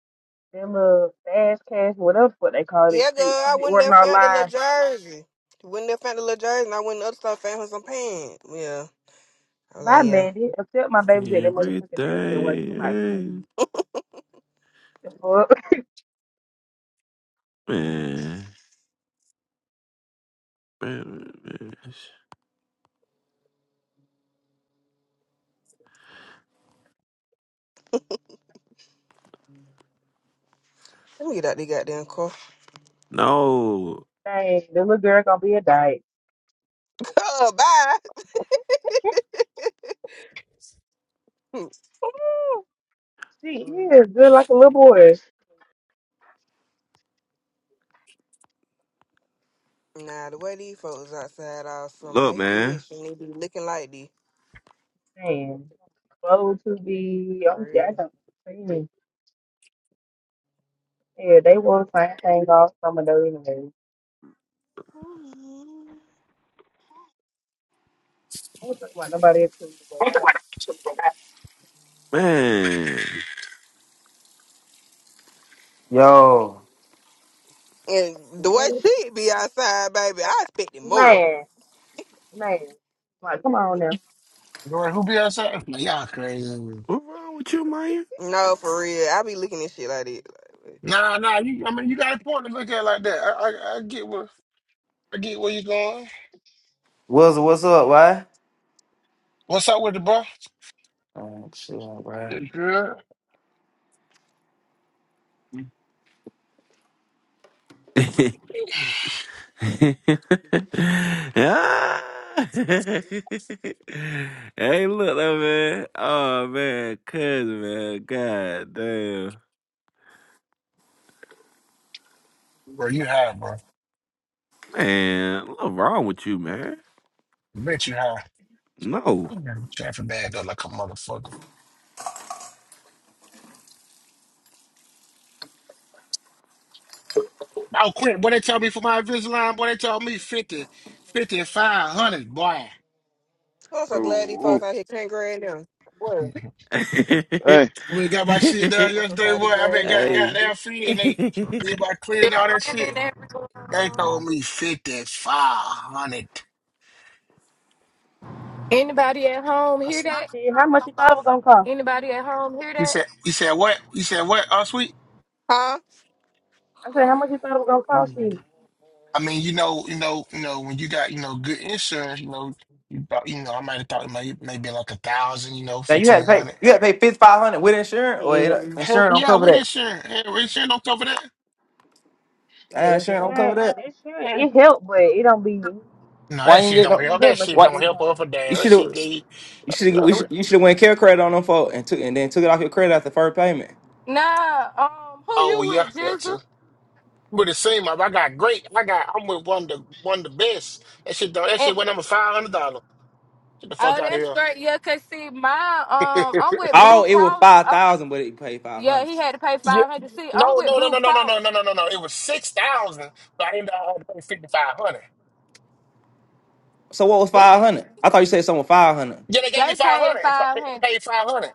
[SPEAKER 5] that little fast cash, whatever what they call that
[SPEAKER 3] Yeah, girl,
[SPEAKER 5] shit. She
[SPEAKER 3] I
[SPEAKER 5] be
[SPEAKER 3] went there
[SPEAKER 5] ordering
[SPEAKER 3] found the little
[SPEAKER 5] online.
[SPEAKER 3] jersey. Went there found the little jersey, and I went in the other store found her some pants. Yeah, I'm like,
[SPEAKER 5] Bye,
[SPEAKER 3] yeah,
[SPEAKER 5] Mandy. Except my baby's at that
[SPEAKER 1] Everything,
[SPEAKER 5] motherfucking daycare waiting for my
[SPEAKER 1] hey,
[SPEAKER 5] cutie. The fuck?
[SPEAKER 1] man. man, man.
[SPEAKER 3] let me get out the goddamn car.
[SPEAKER 1] No,
[SPEAKER 5] Dang, the little girl gonna be a diet.
[SPEAKER 3] Oh, bye.
[SPEAKER 5] She is good like a little boy.
[SPEAKER 3] nah, the way these folks outside all summer,
[SPEAKER 1] look,
[SPEAKER 3] they head
[SPEAKER 1] man,
[SPEAKER 3] shouldn't even be looking like this.
[SPEAKER 5] Man, clothes to be,
[SPEAKER 3] For
[SPEAKER 5] I'm jacked
[SPEAKER 3] real.
[SPEAKER 5] up. Man, Yeah, they want the same thing all summer though anyway. I don't think about nobody else to go back.
[SPEAKER 1] man.
[SPEAKER 9] Yo,
[SPEAKER 3] And the way
[SPEAKER 5] Man,
[SPEAKER 3] she be outside, baby, I expected more.
[SPEAKER 5] man. man. Like, come on now.
[SPEAKER 7] Girl, who be outside? Man, y'all crazy.
[SPEAKER 1] What wrong with you, man?
[SPEAKER 3] No, for real, I be looking at shit like this. Like, wait.
[SPEAKER 7] Nah, nah. You, I mean, you got a point to look at it like that. I, I, I get where I get where you going.
[SPEAKER 9] Wills, what's up? Why?
[SPEAKER 7] What's up with it, bro?
[SPEAKER 9] Oh, shit, right.
[SPEAKER 7] You good,
[SPEAKER 1] Ah! hey, look though, man. Oh man, cousin, man. God damn,
[SPEAKER 7] bro. You high, bro.
[SPEAKER 1] man. What's wrong with you, man?
[SPEAKER 7] I bet you high.
[SPEAKER 1] No.
[SPEAKER 7] Mhm. Traffic bad, up like a motherfucker. Oh, quit. Boy, they tell me for my Invisalign, boy, they told me 50, fifty and 500, boy.
[SPEAKER 3] I'm
[SPEAKER 2] ooh,
[SPEAKER 3] so glad these folks
[SPEAKER 2] ooh,
[SPEAKER 3] out here can't grade them. What?
[SPEAKER 2] hey,
[SPEAKER 7] we got my shit done
[SPEAKER 3] I'm so
[SPEAKER 7] yesterday,
[SPEAKER 3] tired of
[SPEAKER 7] boy.
[SPEAKER 3] these
[SPEAKER 7] I
[SPEAKER 3] grad
[SPEAKER 7] mean,
[SPEAKER 3] looking
[SPEAKER 7] got,
[SPEAKER 3] like
[SPEAKER 7] got
[SPEAKER 3] this.
[SPEAKER 1] hey.
[SPEAKER 7] their feet and they did my cleaning all that shit.
[SPEAKER 10] Morning, everyone.
[SPEAKER 7] They told me 5,500.
[SPEAKER 10] Anybody at home
[SPEAKER 7] I
[SPEAKER 10] hear
[SPEAKER 7] said,
[SPEAKER 10] that?
[SPEAKER 5] Shit, how much you thought it was gonna cost?
[SPEAKER 10] Anybody at home hear
[SPEAKER 7] you
[SPEAKER 10] that?
[SPEAKER 7] said, you said, what? You said, what? Oh, sweet.
[SPEAKER 3] Huh?
[SPEAKER 5] I said, how much you thought it was gonna cost you?
[SPEAKER 7] I mean, you know, you know, you know, when you got, you know, good insurance, you know, you thought, you know, I might have thought it may maybe like a thousand, you know,
[SPEAKER 9] Now you had to
[SPEAKER 7] fifteen
[SPEAKER 9] pay.
[SPEAKER 7] hundred.
[SPEAKER 9] You had to pay fifty five hundred with
[SPEAKER 5] And
[SPEAKER 9] insurance, or it,
[SPEAKER 5] shit,
[SPEAKER 9] insurance
[SPEAKER 7] Hell
[SPEAKER 9] don't
[SPEAKER 7] yeah,
[SPEAKER 9] cover
[SPEAKER 7] with
[SPEAKER 9] that.
[SPEAKER 7] insurance. Hell, insurance don't cover that.
[SPEAKER 5] the
[SPEAKER 9] Uh, insurance don't cover
[SPEAKER 5] insurance,
[SPEAKER 9] that.
[SPEAKER 5] the insurance,
[SPEAKER 7] Hell,
[SPEAKER 5] it helped, but it don't be, you
[SPEAKER 7] No,
[SPEAKER 9] Why
[SPEAKER 7] that
[SPEAKER 9] you ain't
[SPEAKER 7] shit
[SPEAKER 9] get
[SPEAKER 7] don't
[SPEAKER 9] no?
[SPEAKER 5] didn't
[SPEAKER 7] help.
[SPEAKER 5] get
[SPEAKER 7] That
[SPEAKER 5] much
[SPEAKER 7] shit
[SPEAKER 5] of a
[SPEAKER 9] What
[SPEAKER 7] don't help
[SPEAKER 5] discount.
[SPEAKER 7] up a
[SPEAKER 9] you
[SPEAKER 7] damn. That
[SPEAKER 9] should
[SPEAKER 7] shit
[SPEAKER 9] have?
[SPEAKER 7] be.
[SPEAKER 9] You should have. You should have went care credit on them folk and took and then took it off your credit after first payment.
[SPEAKER 10] Nah, um, who
[SPEAKER 7] Oh
[SPEAKER 10] you
[SPEAKER 7] yeah,
[SPEAKER 10] with,
[SPEAKER 7] that too.
[SPEAKER 10] Jizzle?
[SPEAKER 7] But it seemed like I got great. I got I'm with one of the one of the best. That shit don't that
[SPEAKER 10] And
[SPEAKER 7] shit went number five hundred dollar. Get the fuck
[SPEAKER 10] oh,
[SPEAKER 7] out
[SPEAKER 10] that's
[SPEAKER 7] of
[SPEAKER 10] straight. Yeah, cause see, my um,
[SPEAKER 7] here.
[SPEAKER 10] I'm with
[SPEAKER 9] Oh,
[SPEAKER 10] Blue
[SPEAKER 9] it was
[SPEAKER 10] Cross.
[SPEAKER 9] five
[SPEAKER 10] Oh,
[SPEAKER 9] thousand, but it paid five
[SPEAKER 10] yeah,
[SPEAKER 9] hundred.
[SPEAKER 10] he had to pay
[SPEAKER 7] Yeah.
[SPEAKER 10] five hundred. See, I'm
[SPEAKER 7] No,
[SPEAKER 10] with
[SPEAKER 7] no, no,
[SPEAKER 10] Blue
[SPEAKER 7] no, no, no, no,
[SPEAKER 10] Cross.
[SPEAKER 7] no, no, no, no. It was six thousand, but I ended up paying fifty five hundred.
[SPEAKER 9] So what was
[SPEAKER 10] This
[SPEAKER 9] five hundred? I thought you said something five hundred.
[SPEAKER 7] Yeah, they gave me
[SPEAKER 10] they
[SPEAKER 7] five
[SPEAKER 10] paid
[SPEAKER 7] hundred.
[SPEAKER 10] five
[SPEAKER 7] They
[SPEAKER 10] hundred.
[SPEAKER 7] paid five hundred.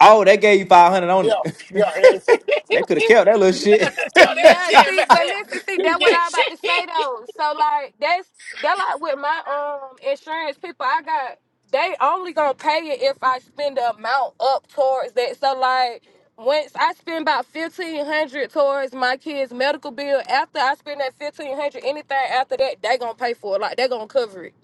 [SPEAKER 9] Oh, they gave you five hundred on
[SPEAKER 7] Yeah,
[SPEAKER 9] it.
[SPEAKER 7] yeah, yeah.
[SPEAKER 9] they could have kept that little
[SPEAKER 7] Yo,
[SPEAKER 9] shit.
[SPEAKER 7] that
[SPEAKER 10] Yeah,
[SPEAKER 7] shit,
[SPEAKER 10] see,
[SPEAKER 7] man.
[SPEAKER 10] but listen, see, that what
[SPEAKER 7] Yeah,
[SPEAKER 10] I
[SPEAKER 7] shit.
[SPEAKER 10] about to say though. So like that's that like with my um insurance people, I got they only gonna pay it if I spend the amount up towards that. So like once I spend about fifteen hundred towards my kids' medical bill, after I spend that fifteen hundred, anything after that, they gonna pay for it. Like they gonna cover it.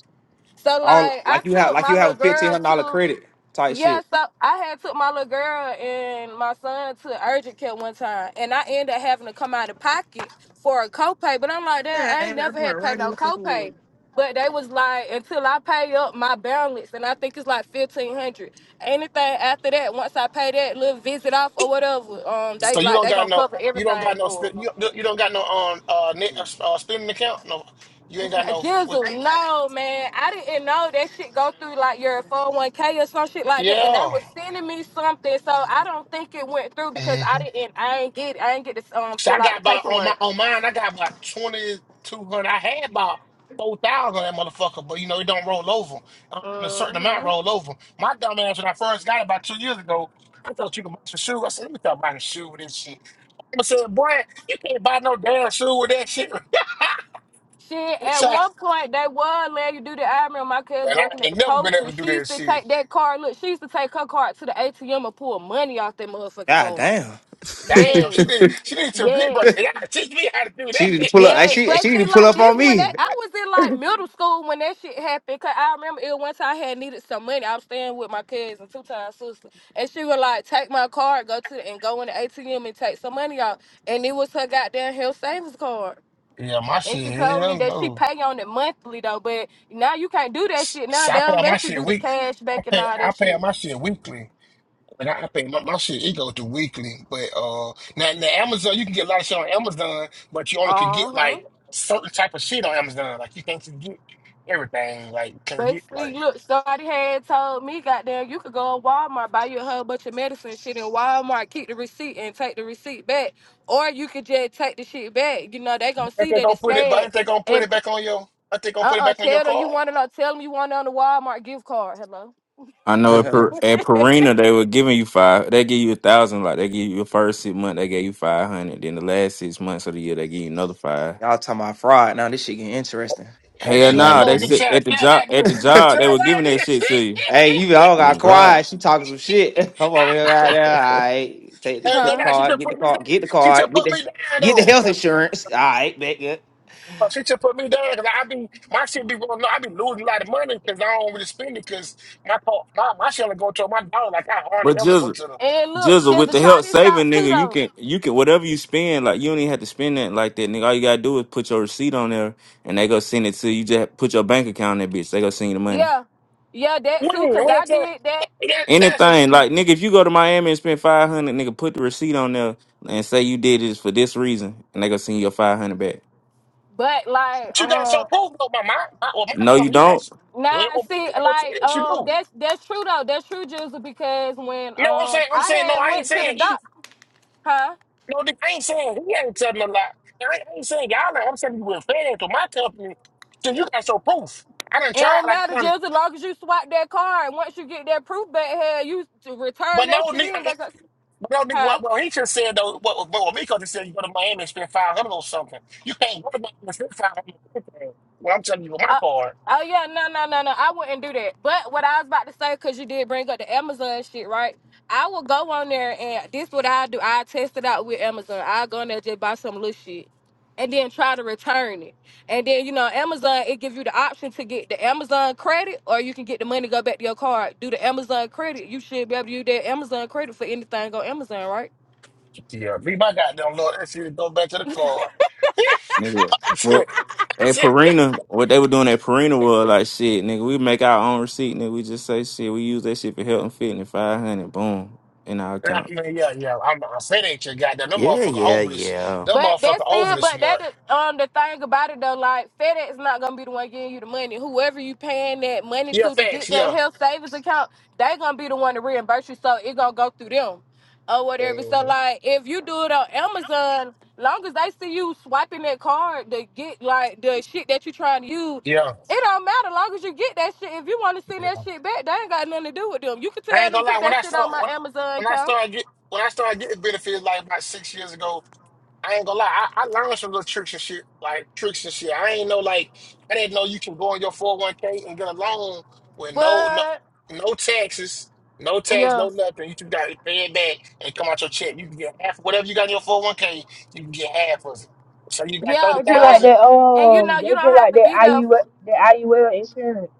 [SPEAKER 10] So
[SPEAKER 9] All
[SPEAKER 10] like I
[SPEAKER 9] like you have
[SPEAKER 10] took
[SPEAKER 9] like
[SPEAKER 10] my
[SPEAKER 9] you have
[SPEAKER 10] little
[SPEAKER 9] a fifteen
[SPEAKER 10] girl
[SPEAKER 9] hundred dollar
[SPEAKER 10] to
[SPEAKER 9] credit type
[SPEAKER 10] yeah,
[SPEAKER 9] shit.
[SPEAKER 10] so I had took my little girl and my son to urgent care one time, and I ended up having to come out of pocket for a copay. But I'm like, damn,
[SPEAKER 3] Yeah,
[SPEAKER 10] I ain't
[SPEAKER 3] and I
[SPEAKER 10] never
[SPEAKER 3] put her
[SPEAKER 10] had to pay
[SPEAKER 3] right in
[SPEAKER 10] no
[SPEAKER 3] the fucking
[SPEAKER 10] copay.
[SPEAKER 3] water.
[SPEAKER 10] But they was like, until I pay up my balance, and I think it's like fifteen hundred. Anything after that, once I pay that little visit off or whatever, um,
[SPEAKER 7] So
[SPEAKER 10] they
[SPEAKER 7] you
[SPEAKER 10] like
[SPEAKER 7] don't
[SPEAKER 10] they
[SPEAKER 7] got
[SPEAKER 10] gonna
[SPEAKER 7] no,
[SPEAKER 10] cover
[SPEAKER 7] you don't got
[SPEAKER 10] everything
[SPEAKER 7] no,
[SPEAKER 10] for. it.
[SPEAKER 7] spin, you you don't got no um uh, net, uh spending account. No, you ain't got no. What the,
[SPEAKER 10] Jizzle, no, man. I didn't know that shit go through like your 401k or some shit like that. And they
[SPEAKER 7] yeah.
[SPEAKER 10] was sending me something. So I don't think it went through because
[SPEAKER 7] Mm-hmm.
[SPEAKER 10] I didn't I ain't get I ain't get to um
[SPEAKER 7] So I
[SPEAKER 10] fill out
[SPEAKER 7] got
[SPEAKER 10] the
[SPEAKER 7] about on my
[SPEAKER 10] paperwork.
[SPEAKER 7] on mine. I got about twenty two hundred. I had about four thousand that motherfucker, but you know it don't roll over. Uh, A certain amount
[SPEAKER 10] hmm
[SPEAKER 7] roll over. My dumb ass when I first got it about two years ago, I thought you could buy some shoes. I said, let me start buying a shoe with this shit. I said, boy, you can't buy no damn shoe with that shit.
[SPEAKER 10] Shit, at
[SPEAKER 7] so, I-
[SPEAKER 10] one point they was letting you do the I remember my cousin
[SPEAKER 7] but I
[SPEAKER 10] working at
[SPEAKER 7] ain't
[SPEAKER 10] the
[SPEAKER 7] never been able
[SPEAKER 10] poultry.
[SPEAKER 7] to do
[SPEAKER 10] She
[SPEAKER 7] that
[SPEAKER 10] used to
[SPEAKER 7] shit.
[SPEAKER 10] take that card, look, she used to take her card to the ATM and pull money off that motherfucking
[SPEAKER 9] God
[SPEAKER 10] card.
[SPEAKER 9] damn.
[SPEAKER 7] Damn,
[SPEAKER 10] Yes.
[SPEAKER 7] she did. She did some big, but
[SPEAKER 10] Yes.
[SPEAKER 7] y'all teach me how to do
[SPEAKER 9] She need to
[SPEAKER 7] that.
[SPEAKER 9] pull up.
[SPEAKER 10] Yes,
[SPEAKER 9] She
[SPEAKER 10] but
[SPEAKER 9] she
[SPEAKER 10] see,
[SPEAKER 9] need to pull
[SPEAKER 10] like
[SPEAKER 9] up
[SPEAKER 10] this
[SPEAKER 9] on
[SPEAKER 10] when
[SPEAKER 9] me.
[SPEAKER 10] that I was in like middle school when that shit happened. Cause I remember it once I had needed some money. I was staying with my cousin, two times sister, and she would like take my card, go to and go in the ATM and take some money out, and it was her goddamn health savings card.
[SPEAKER 7] yeah, my
[SPEAKER 10] And
[SPEAKER 7] shit.
[SPEAKER 10] she told me
[SPEAKER 7] Hell
[SPEAKER 10] that she
[SPEAKER 7] no.
[SPEAKER 10] pay on it monthly though, but now you can't do that
[SPEAKER 7] S-
[SPEAKER 10] shit. Now
[SPEAKER 7] So
[SPEAKER 10] they
[SPEAKER 7] I pay
[SPEAKER 10] don't
[SPEAKER 7] out my
[SPEAKER 10] let you
[SPEAKER 7] shit
[SPEAKER 10] do the
[SPEAKER 7] week.
[SPEAKER 10] cash
[SPEAKER 7] I
[SPEAKER 10] back and
[SPEAKER 7] pay
[SPEAKER 10] all
[SPEAKER 7] I
[SPEAKER 10] that
[SPEAKER 7] pay
[SPEAKER 10] shit.
[SPEAKER 7] out my shit weekly. Like I, I pay my, my shit it goes to weekly. But uh now now Amazon you can get a lot of shit on Amazon, but you only can get
[SPEAKER 10] Uh huh.
[SPEAKER 7] like certain type of shit on Amazon. Like you can't just get everything. Like you can get
[SPEAKER 10] Basically,
[SPEAKER 7] like
[SPEAKER 10] look, somebody had told me, goddamn, you could go to Walmart, buy you a whole bunch of medicine shit in Walmart, keep the receipt and take the receipt back. Or you could just take the shit back. You know, they gonna
[SPEAKER 7] if
[SPEAKER 10] see
[SPEAKER 7] they
[SPEAKER 10] that
[SPEAKER 7] gonna
[SPEAKER 10] it's
[SPEAKER 7] put it but
[SPEAKER 10] scanned.
[SPEAKER 7] if they gonna put
[SPEAKER 10] And
[SPEAKER 7] it back on your I think gonna put it
[SPEAKER 10] uh-uh,
[SPEAKER 7] back on your
[SPEAKER 10] tell them you
[SPEAKER 7] car.
[SPEAKER 10] want it on, tell them you want it on the Walmart gift card. Hello?
[SPEAKER 11] I know at,
[SPEAKER 9] Y'all
[SPEAKER 11] per, at Purina they were giving you five. They give you a thousand. Like they give you the first six months, they gave you five hundred. Then the last six months of the year, they give you another five.
[SPEAKER 9] talking about fraud. Now this shit getting interesting.
[SPEAKER 7] And
[SPEAKER 11] Hell
[SPEAKER 7] it's like
[SPEAKER 11] no, they
[SPEAKER 7] look at
[SPEAKER 1] hmm
[SPEAKER 11] said
[SPEAKER 7] child,
[SPEAKER 11] at the
[SPEAKER 7] child
[SPEAKER 11] job.
[SPEAKER 7] like
[SPEAKER 11] At the
[SPEAKER 7] this.
[SPEAKER 11] job, they were
[SPEAKER 7] Child like
[SPEAKER 11] giving that
[SPEAKER 7] this.
[SPEAKER 11] shit to you.
[SPEAKER 9] Hey, you all got
[SPEAKER 1] Oh God.
[SPEAKER 9] quiet. She talking some shit. I'm over here out there. All right, take the
[SPEAKER 7] I ain't
[SPEAKER 9] foot
[SPEAKER 7] gonna
[SPEAKER 10] Huh?
[SPEAKER 7] lie, she
[SPEAKER 9] card,
[SPEAKER 7] just
[SPEAKER 9] get the
[SPEAKER 7] put me down.
[SPEAKER 9] card, get the
[SPEAKER 7] She just
[SPEAKER 9] card, get
[SPEAKER 7] put
[SPEAKER 9] the
[SPEAKER 7] me down
[SPEAKER 9] get the health
[SPEAKER 7] though.
[SPEAKER 9] insurance. All right, back up.
[SPEAKER 7] Oh, She just put me down because I be my shit be going. I be losing a lot of money because I don't really spend it because my pa- my my shit only go to my dog. Like I hardly
[SPEAKER 11] But
[SPEAKER 7] ever go
[SPEAKER 11] Jizzle,
[SPEAKER 7] to them.
[SPEAKER 10] And look,
[SPEAKER 11] Jizzle,
[SPEAKER 10] just
[SPEAKER 11] with
[SPEAKER 10] to
[SPEAKER 11] the
[SPEAKER 10] try
[SPEAKER 11] help
[SPEAKER 10] this
[SPEAKER 11] saving
[SPEAKER 10] out too
[SPEAKER 11] nigga, you
[SPEAKER 10] though.
[SPEAKER 11] can you can whatever you spend. Like you don't even have to spend that like that, nigga. All you gotta do is put your receipt on there, and they go send it to you. Just put your bank account in that bitch. They go send you the money.
[SPEAKER 10] Yeah. Yeah, that
[SPEAKER 7] when
[SPEAKER 10] too, cause
[SPEAKER 7] when
[SPEAKER 10] I
[SPEAKER 7] it's a
[SPEAKER 10] did that.
[SPEAKER 7] that, that's a
[SPEAKER 11] Anything like nigga, if you go to Miami and spend five hundred, nigga, put the receipt on there and say you did this for this reason, and they gonna send you your five hundred back.
[SPEAKER 10] But like,
[SPEAKER 7] but you got so
[SPEAKER 10] um,
[SPEAKER 7] proof though. My my my well, my
[SPEAKER 11] No, you
[SPEAKER 7] company you got
[SPEAKER 11] don't,
[SPEAKER 10] Nah,
[SPEAKER 7] little
[SPEAKER 10] see,
[SPEAKER 7] couple
[SPEAKER 10] like,
[SPEAKER 7] things you
[SPEAKER 10] um,
[SPEAKER 7] do.
[SPEAKER 10] that's that's true though. That's true, Jizzle, because when
[SPEAKER 7] You know what I'm
[SPEAKER 10] um
[SPEAKER 7] saying? I'm
[SPEAKER 10] I
[SPEAKER 7] saying no.
[SPEAKER 10] had
[SPEAKER 7] I ain't
[SPEAKER 10] went to the
[SPEAKER 7] saying he.
[SPEAKER 10] doc, huh?
[SPEAKER 7] No, I ain't saying he ain't telling a lot. I ain't, I ain't saying y'all. ain't- I'm saying you were fair to my company. So you got so proof. I done
[SPEAKER 10] It
[SPEAKER 7] tried
[SPEAKER 10] don't
[SPEAKER 7] like
[SPEAKER 10] matter,
[SPEAKER 7] done,
[SPEAKER 10] Jizzle, as long as you swipe that card. Once you get that proof back here, you to return
[SPEAKER 7] but
[SPEAKER 10] that shit in.
[SPEAKER 7] no.
[SPEAKER 10] That, co-
[SPEAKER 7] But I don't think
[SPEAKER 10] huh?
[SPEAKER 7] what well he just said though what what what Miko just said you go to Miami and spend five hundred or something. You can't go to Miami and spend five hundred on anything. Well I'm telling you with my
[SPEAKER 10] Uh,
[SPEAKER 7] card.
[SPEAKER 10] oh yeah, no, no, no, no. I wouldn't do that. But what I was about to say, cause you did bring up the Amazon shit, right? I will go on there and this what I do. I test it out with Amazon. I go on there just buy some little shit. And then try to return it. And then, you know, Amazon, it gives you the option to get the Amazon credit or you can get the money go back to your card. Do the Amazon credit. You should be able to use that Amazon credit for anything on Amazon, right?
[SPEAKER 7] Yeah, leave my goddamn Lord that shit go back to the card. yeah,
[SPEAKER 11] nigga. Well, at Perina, what they were doing at Perina was like shit, nigga. We make our own receipt, nigga. We just say shit. We use that shit for health and fitness. Five hundred, boom, in our account.
[SPEAKER 7] yeah, yeah. I'm I say that ain't your goddamn them
[SPEAKER 1] Yeah,
[SPEAKER 7] motherfucker
[SPEAKER 1] yeah,
[SPEAKER 7] overly
[SPEAKER 1] yeah.
[SPEAKER 7] them
[SPEAKER 10] But
[SPEAKER 7] motherfucker
[SPEAKER 10] that's still,
[SPEAKER 7] overly
[SPEAKER 10] but that
[SPEAKER 7] smart.
[SPEAKER 10] is, um the thing about it though, like FedEx not gonna be the one getting you the money. Whoever you paying that money
[SPEAKER 7] Yeah,
[SPEAKER 10] to to
[SPEAKER 7] thanks,
[SPEAKER 10] get that
[SPEAKER 7] yeah.
[SPEAKER 10] health savings account, they gonna be the one to reimburse you. So it gonna go through them or whatever. So
[SPEAKER 7] Mhm.
[SPEAKER 10] like if you do it on Amazon, long as they see you swiping that card to get like the shit that you trying to use,
[SPEAKER 7] Yeah.
[SPEAKER 10] it don't matter. Long as you get that shit, if you want to send
[SPEAKER 7] yeah.
[SPEAKER 10] that shit back, they ain't got nothing to do with them. You can
[SPEAKER 7] I
[SPEAKER 10] tell
[SPEAKER 7] ain't
[SPEAKER 10] them
[SPEAKER 7] gonna
[SPEAKER 10] put
[SPEAKER 7] lie. When
[SPEAKER 10] that
[SPEAKER 7] I
[SPEAKER 10] shit on
[SPEAKER 7] saw
[SPEAKER 10] my
[SPEAKER 7] when,
[SPEAKER 10] Amazon
[SPEAKER 7] when I
[SPEAKER 10] account,
[SPEAKER 7] started get when I started getting benefits like about six years ago, I ain't gonna lie. I, I learned some little tricks and shit, like tricks and shit. I ain't know like I didn't know you can go on your four hundred one k and get a loan with no no
[SPEAKER 10] but
[SPEAKER 7] no taxes, no tax,
[SPEAKER 10] yeah.
[SPEAKER 7] no nothing. You just got to pay it back and come out your check. You can get half whatever you got in your four hundred one k. You can get half of it. So you got
[SPEAKER 10] Yeah,
[SPEAKER 5] They
[SPEAKER 7] thirty
[SPEAKER 5] just like
[SPEAKER 10] but
[SPEAKER 7] thousand.
[SPEAKER 5] that,
[SPEAKER 10] and you know
[SPEAKER 5] um, they
[SPEAKER 10] you
[SPEAKER 5] just
[SPEAKER 10] don't have
[SPEAKER 5] like
[SPEAKER 10] to be
[SPEAKER 5] that
[SPEAKER 10] there.
[SPEAKER 5] IU,
[SPEAKER 10] f-
[SPEAKER 5] that IUL insurance.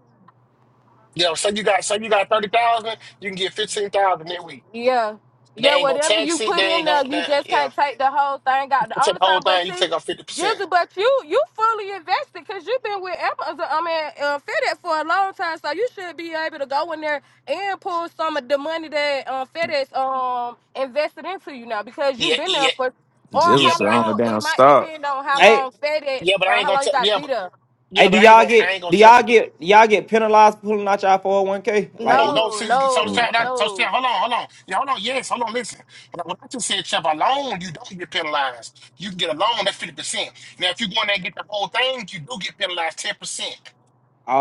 [SPEAKER 7] Yeah, so you got so you got thirty thousand. You can get fifteen thousand every week.
[SPEAKER 10] Yeah,
[SPEAKER 7] They
[SPEAKER 10] yeah.
[SPEAKER 7] ain't gonna
[SPEAKER 10] Whatever
[SPEAKER 7] tax
[SPEAKER 10] you
[SPEAKER 7] it.
[SPEAKER 10] put
[SPEAKER 7] They ain't
[SPEAKER 10] in
[SPEAKER 7] gonna.
[SPEAKER 10] there, you
[SPEAKER 7] They,
[SPEAKER 10] just
[SPEAKER 7] yeah.
[SPEAKER 10] can't take the whole thing
[SPEAKER 7] You
[SPEAKER 10] out.
[SPEAKER 7] can
[SPEAKER 10] The
[SPEAKER 7] take
[SPEAKER 10] only
[SPEAKER 7] the whole
[SPEAKER 10] time, but
[SPEAKER 7] thing. You can
[SPEAKER 10] see,
[SPEAKER 7] take off fifty percent.
[SPEAKER 10] Jizzle, but you you fully invested because you've been with Amazon. I mean, uh, FedEx for a long time, so you should be able to go in there and pull some of the money that um, FedEx um invested into you now because
[SPEAKER 7] Yeah,
[SPEAKER 10] you've been there
[SPEAKER 7] yeah,
[SPEAKER 10] for. Or
[SPEAKER 7] yeah,
[SPEAKER 11] Jesus
[SPEAKER 10] how
[SPEAKER 7] but I
[SPEAKER 11] on the
[SPEAKER 10] long it
[SPEAKER 11] down
[SPEAKER 10] might
[SPEAKER 11] start.
[SPEAKER 10] depend on how
[SPEAKER 7] ain't.
[SPEAKER 9] Hey,
[SPEAKER 10] long FedEx,
[SPEAKER 7] Yeah, but I
[SPEAKER 10] uh,
[SPEAKER 7] ain't
[SPEAKER 10] how
[SPEAKER 7] gonna.
[SPEAKER 10] long you
[SPEAKER 7] T-
[SPEAKER 10] got to
[SPEAKER 7] yeah,
[SPEAKER 10] be
[SPEAKER 7] but
[SPEAKER 10] there.
[SPEAKER 9] hey,
[SPEAKER 7] yeah,
[SPEAKER 9] do
[SPEAKER 7] but I ain't
[SPEAKER 9] y'all
[SPEAKER 7] gonna. I
[SPEAKER 9] get
[SPEAKER 7] ain't gonna
[SPEAKER 9] do
[SPEAKER 7] touch
[SPEAKER 9] y'all
[SPEAKER 7] it though.
[SPEAKER 9] get do y'all get penalized for pulling out y'all 401k? Like, if
[SPEAKER 7] No,
[SPEAKER 9] you-
[SPEAKER 7] no.
[SPEAKER 10] No,
[SPEAKER 7] See, so, so,
[SPEAKER 11] Nah,
[SPEAKER 10] no,
[SPEAKER 7] that- so, so,
[SPEAKER 10] no.
[SPEAKER 7] hold on, hold on. Yeah, hold on. Yes, hold on. Listen, what I what I just said, Chef, a loan you don't get penalized. You can get a loan that's fifty percent. Now, if you go in there and get the whole thing, you do get penalized ten percent.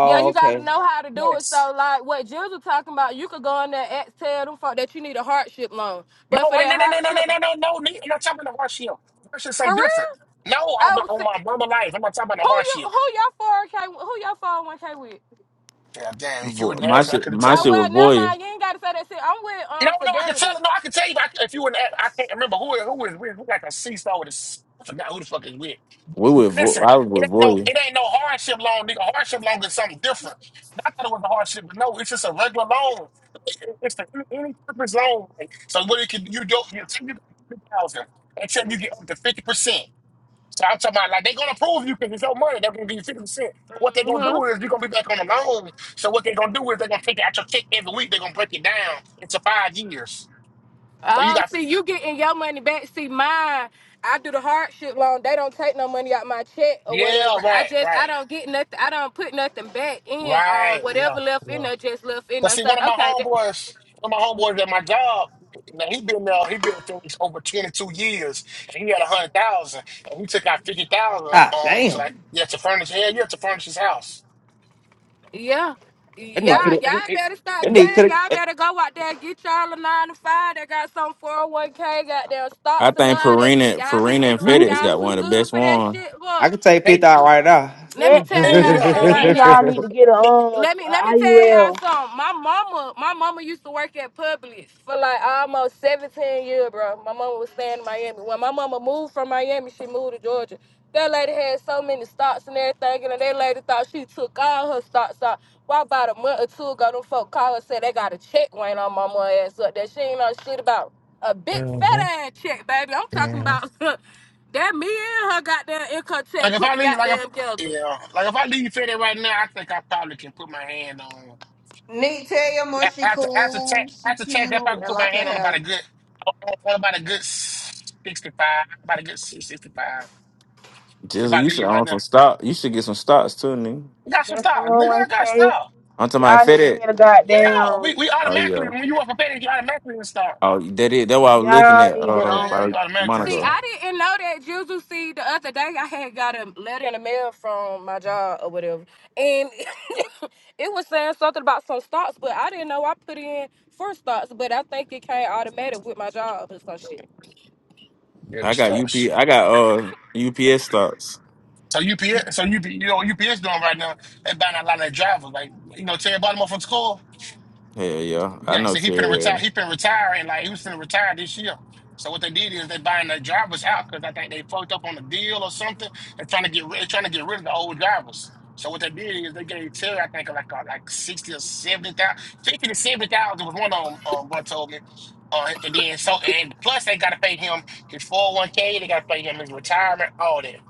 [SPEAKER 10] Yeah, you gotta
[SPEAKER 9] okay.
[SPEAKER 10] know how to do it.
[SPEAKER 7] Yes.
[SPEAKER 10] So like what Jill was talking about, you could go in there and tell them folk that you need a hardship loan.
[SPEAKER 7] No,
[SPEAKER 10] But for
[SPEAKER 7] I,
[SPEAKER 10] that
[SPEAKER 7] no, no, no, no, no,
[SPEAKER 10] hardship,
[SPEAKER 7] no, no, no. nigga, I'm not talking about the hardship. Hardship is
[SPEAKER 10] for
[SPEAKER 7] something different.
[SPEAKER 10] real?
[SPEAKER 7] No, I'm
[SPEAKER 10] Oh,
[SPEAKER 7] not on
[SPEAKER 10] see,
[SPEAKER 7] my
[SPEAKER 10] who
[SPEAKER 7] mama life. I'm not talking about the
[SPEAKER 10] you
[SPEAKER 7] hardship.
[SPEAKER 10] who your four K who your four oh one K with?
[SPEAKER 7] Yeah, damn. If you
[SPEAKER 11] Vo-
[SPEAKER 7] wouldn't
[SPEAKER 11] my
[SPEAKER 7] ask me, I
[SPEAKER 11] shit,
[SPEAKER 7] could have
[SPEAKER 11] my
[SPEAKER 10] Oh
[SPEAKER 7] told
[SPEAKER 11] shit
[SPEAKER 7] you.
[SPEAKER 10] well,
[SPEAKER 11] with
[SPEAKER 10] never
[SPEAKER 11] Voya.
[SPEAKER 10] mind. You ain't gotta say that shit. I'm with
[SPEAKER 7] No,
[SPEAKER 10] um
[SPEAKER 7] no, I can
[SPEAKER 10] Fidelity.
[SPEAKER 7] tell. No, I can tell you. I, if you were, in- I can't remember who it- who is with. Who got the seesaw with this? I forgot who the fuck is with.
[SPEAKER 11] We with Vo-
[SPEAKER 7] Listen,
[SPEAKER 11] I was
[SPEAKER 7] it
[SPEAKER 11] with
[SPEAKER 7] ain't no,
[SPEAKER 11] Voya.
[SPEAKER 7] it ain't no hardship loan, nigga. Hardship loan is something different. I thought it was a hardship, but no, it's just a regular loan. It's the any purpose loan. like, So what it can you do? You take it thirty thousand until you get up to fifty percent. So I'm talking about like they're gonna prove you because it's your money. They're gonna give you fifty percent. What they're gonna
[SPEAKER 10] hmm
[SPEAKER 7] do is you're gonna be back on the loan. So what they're gonna do is they're gonna take it out your check every week. They're gonna break it down into five years. So you
[SPEAKER 10] Oh,
[SPEAKER 7] got
[SPEAKER 10] see, you getting your money back. See, mine, I do the hardship loan. They don't take no money out my check or
[SPEAKER 7] yeah,
[SPEAKER 10] whatever. I
[SPEAKER 7] right,
[SPEAKER 10] just, I
[SPEAKER 7] right,
[SPEAKER 10] don't get nothing. I don't put nothing back in. Um,
[SPEAKER 7] right, yeah,
[SPEAKER 10] whatever left in
[SPEAKER 7] yeah.
[SPEAKER 10] there, just left in
[SPEAKER 7] Cause
[SPEAKER 10] there.
[SPEAKER 7] see,
[SPEAKER 10] So,
[SPEAKER 7] one of my
[SPEAKER 10] okay,
[SPEAKER 7] homeboys, one of my homeboys at my job, now he been there, he been at things over twenty two years, and he had a hundred thousand, and he took out fifty thousand,
[SPEAKER 9] Ah,
[SPEAKER 7] um, to like
[SPEAKER 9] damn.
[SPEAKER 7] yeah, to furnish, yeah, yeah, to furnish his house.
[SPEAKER 10] Yeah.
[SPEAKER 9] That nigga
[SPEAKER 7] Like
[SPEAKER 9] could
[SPEAKER 10] yeah,
[SPEAKER 7] he,
[SPEAKER 9] have.
[SPEAKER 7] like, he,
[SPEAKER 10] y'all
[SPEAKER 7] he,
[SPEAKER 10] better stop
[SPEAKER 7] he
[SPEAKER 9] That
[SPEAKER 7] got,
[SPEAKER 9] nigga
[SPEAKER 10] playing.
[SPEAKER 9] could
[SPEAKER 10] Y'all
[SPEAKER 9] have.
[SPEAKER 10] better go out there and get y'all a nine to five. They got some 401k, got their
[SPEAKER 11] I
[SPEAKER 10] stocks and
[SPEAKER 11] think
[SPEAKER 10] all that shit.
[SPEAKER 11] Perina,
[SPEAKER 10] Y'all be
[SPEAKER 11] Perina and
[SPEAKER 10] acting like
[SPEAKER 11] FedEx
[SPEAKER 10] y'all
[SPEAKER 11] got
[SPEAKER 10] too
[SPEAKER 11] one of the
[SPEAKER 10] good
[SPEAKER 11] best
[SPEAKER 10] for that
[SPEAKER 11] ones.
[SPEAKER 10] shit, boy.
[SPEAKER 9] I could take
[SPEAKER 7] hey,
[SPEAKER 9] fifth out right now.
[SPEAKER 10] Let me
[SPEAKER 5] That,
[SPEAKER 10] tell
[SPEAKER 7] hell
[SPEAKER 10] y'all
[SPEAKER 5] and,
[SPEAKER 7] yeah,
[SPEAKER 10] something
[SPEAKER 7] hell
[SPEAKER 10] right
[SPEAKER 7] yeah.
[SPEAKER 5] and
[SPEAKER 10] now.
[SPEAKER 5] y'all need to get a, um,
[SPEAKER 10] Let
[SPEAKER 5] a
[SPEAKER 10] me let me
[SPEAKER 5] I U
[SPEAKER 10] tell
[SPEAKER 5] L.
[SPEAKER 10] y'all something. My mama, my mama used to work at Publix for like almost 17 years, bro. My mama was staying in Miami. When my mama moved from Miami, she moved to Georgia. That lady had so many stocks and everything, and that lady thought she took all her stocks out. Well, about a month or two ago, them folk called her said they got a check weighing on my mama ass up that she ain't know shit about. A big
[SPEAKER 7] Mm-hmm.
[SPEAKER 10] fat ass check, baby. I'm talking
[SPEAKER 7] Mm-hmm.
[SPEAKER 10] about that me and her goddamn income
[SPEAKER 7] Like
[SPEAKER 10] check
[SPEAKER 7] if
[SPEAKER 10] put
[SPEAKER 7] I
[SPEAKER 10] the
[SPEAKER 7] leave, like if
[SPEAKER 10] goddamn together.
[SPEAKER 7] yeah, like if I leave Fed right now, I think I probably can put my hand on.
[SPEAKER 3] Nick, tell your mom
[SPEAKER 7] A-
[SPEAKER 3] she
[SPEAKER 7] After after tax
[SPEAKER 3] cool, she
[SPEAKER 7] after
[SPEAKER 3] cute,
[SPEAKER 7] tax, I probably
[SPEAKER 3] and
[SPEAKER 7] put my
[SPEAKER 3] like her
[SPEAKER 7] hand on about
[SPEAKER 3] hair.
[SPEAKER 7] a good on on about a good sixty five, about a good sixty five. If
[SPEAKER 11] Jizzle,
[SPEAKER 7] I
[SPEAKER 11] you
[SPEAKER 7] leave
[SPEAKER 11] should
[SPEAKER 7] you right
[SPEAKER 11] own
[SPEAKER 7] now,
[SPEAKER 11] some stock. You should get some stocks too, nigga.
[SPEAKER 7] you got some
[SPEAKER 5] That
[SPEAKER 7] stars, nigga. I got
[SPEAKER 5] 401k,
[SPEAKER 7] stars.
[SPEAKER 11] I'm talking about
[SPEAKER 5] y'all need to
[SPEAKER 11] FedEx.
[SPEAKER 5] get a
[SPEAKER 7] Yeah, we
[SPEAKER 5] goddamn,
[SPEAKER 7] we
[SPEAKER 11] Oh
[SPEAKER 7] automatically
[SPEAKER 11] yeah.
[SPEAKER 7] when you up for betting, you automatically install.
[SPEAKER 11] Oh that is that's what I was looking
[SPEAKER 5] y'all
[SPEAKER 11] at
[SPEAKER 5] need
[SPEAKER 7] Oh,
[SPEAKER 5] to,
[SPEAKER 11] uh
[SPEAKER 7] hell
[SPEAKER 5] um,
[SPEAKER 7] yeah,
[SPEAKER 11] about
[SPEAKER 7] you
[SPEAKER 11] a
[SPEAKER 7] automatically
[SPEAKER 11] month
[SPEAKER 10] See,
[SPEAKER 11] ago.
[SPEAKER 10] I
[SPEAKER 7] install.
[SPEAKER 10] didn't know that Juju. See, the other day I had got a letter in the mail from my job or whatever, and it was saying something about some stocks, but I didn't know I put in for stocks, but I think it came automatic with my job or some shit.
[SPEAKER 7] Yeah, the
[SPEAKER 11] I got UP
[SPEAKER 7] stars.
[SPEAKER 11] I got uh UPS stocks.
[SPEAKER 7] So UPS, so UP, you know what UPS doing right now? They buying a lot of drivers. Like you know, Terry Baltimore from school.
[SPEAKER 11] Hell yeah. I
[SPEAKER 7] Yeah,
[SPEAKER 11] know
[SPEAKER 7] so he finna
[SPEAKER 11] Terry.
[SPEAKER 7] retire. He finna retire, and like he was finna retire this year. So what they did is they buying their drivers out because I think they fucked up on the deal or something. They're trying to get rid, trying to get rid of the old drivers. So what they did is they gave Terry, I think, like uh, like sixty or seventy thousand, fifty to seventy thousand was one of them. Um, bro told me. Uh, and then so and plus they gotta pay him his four hundred one k. They gotta pay him his retirement, all that.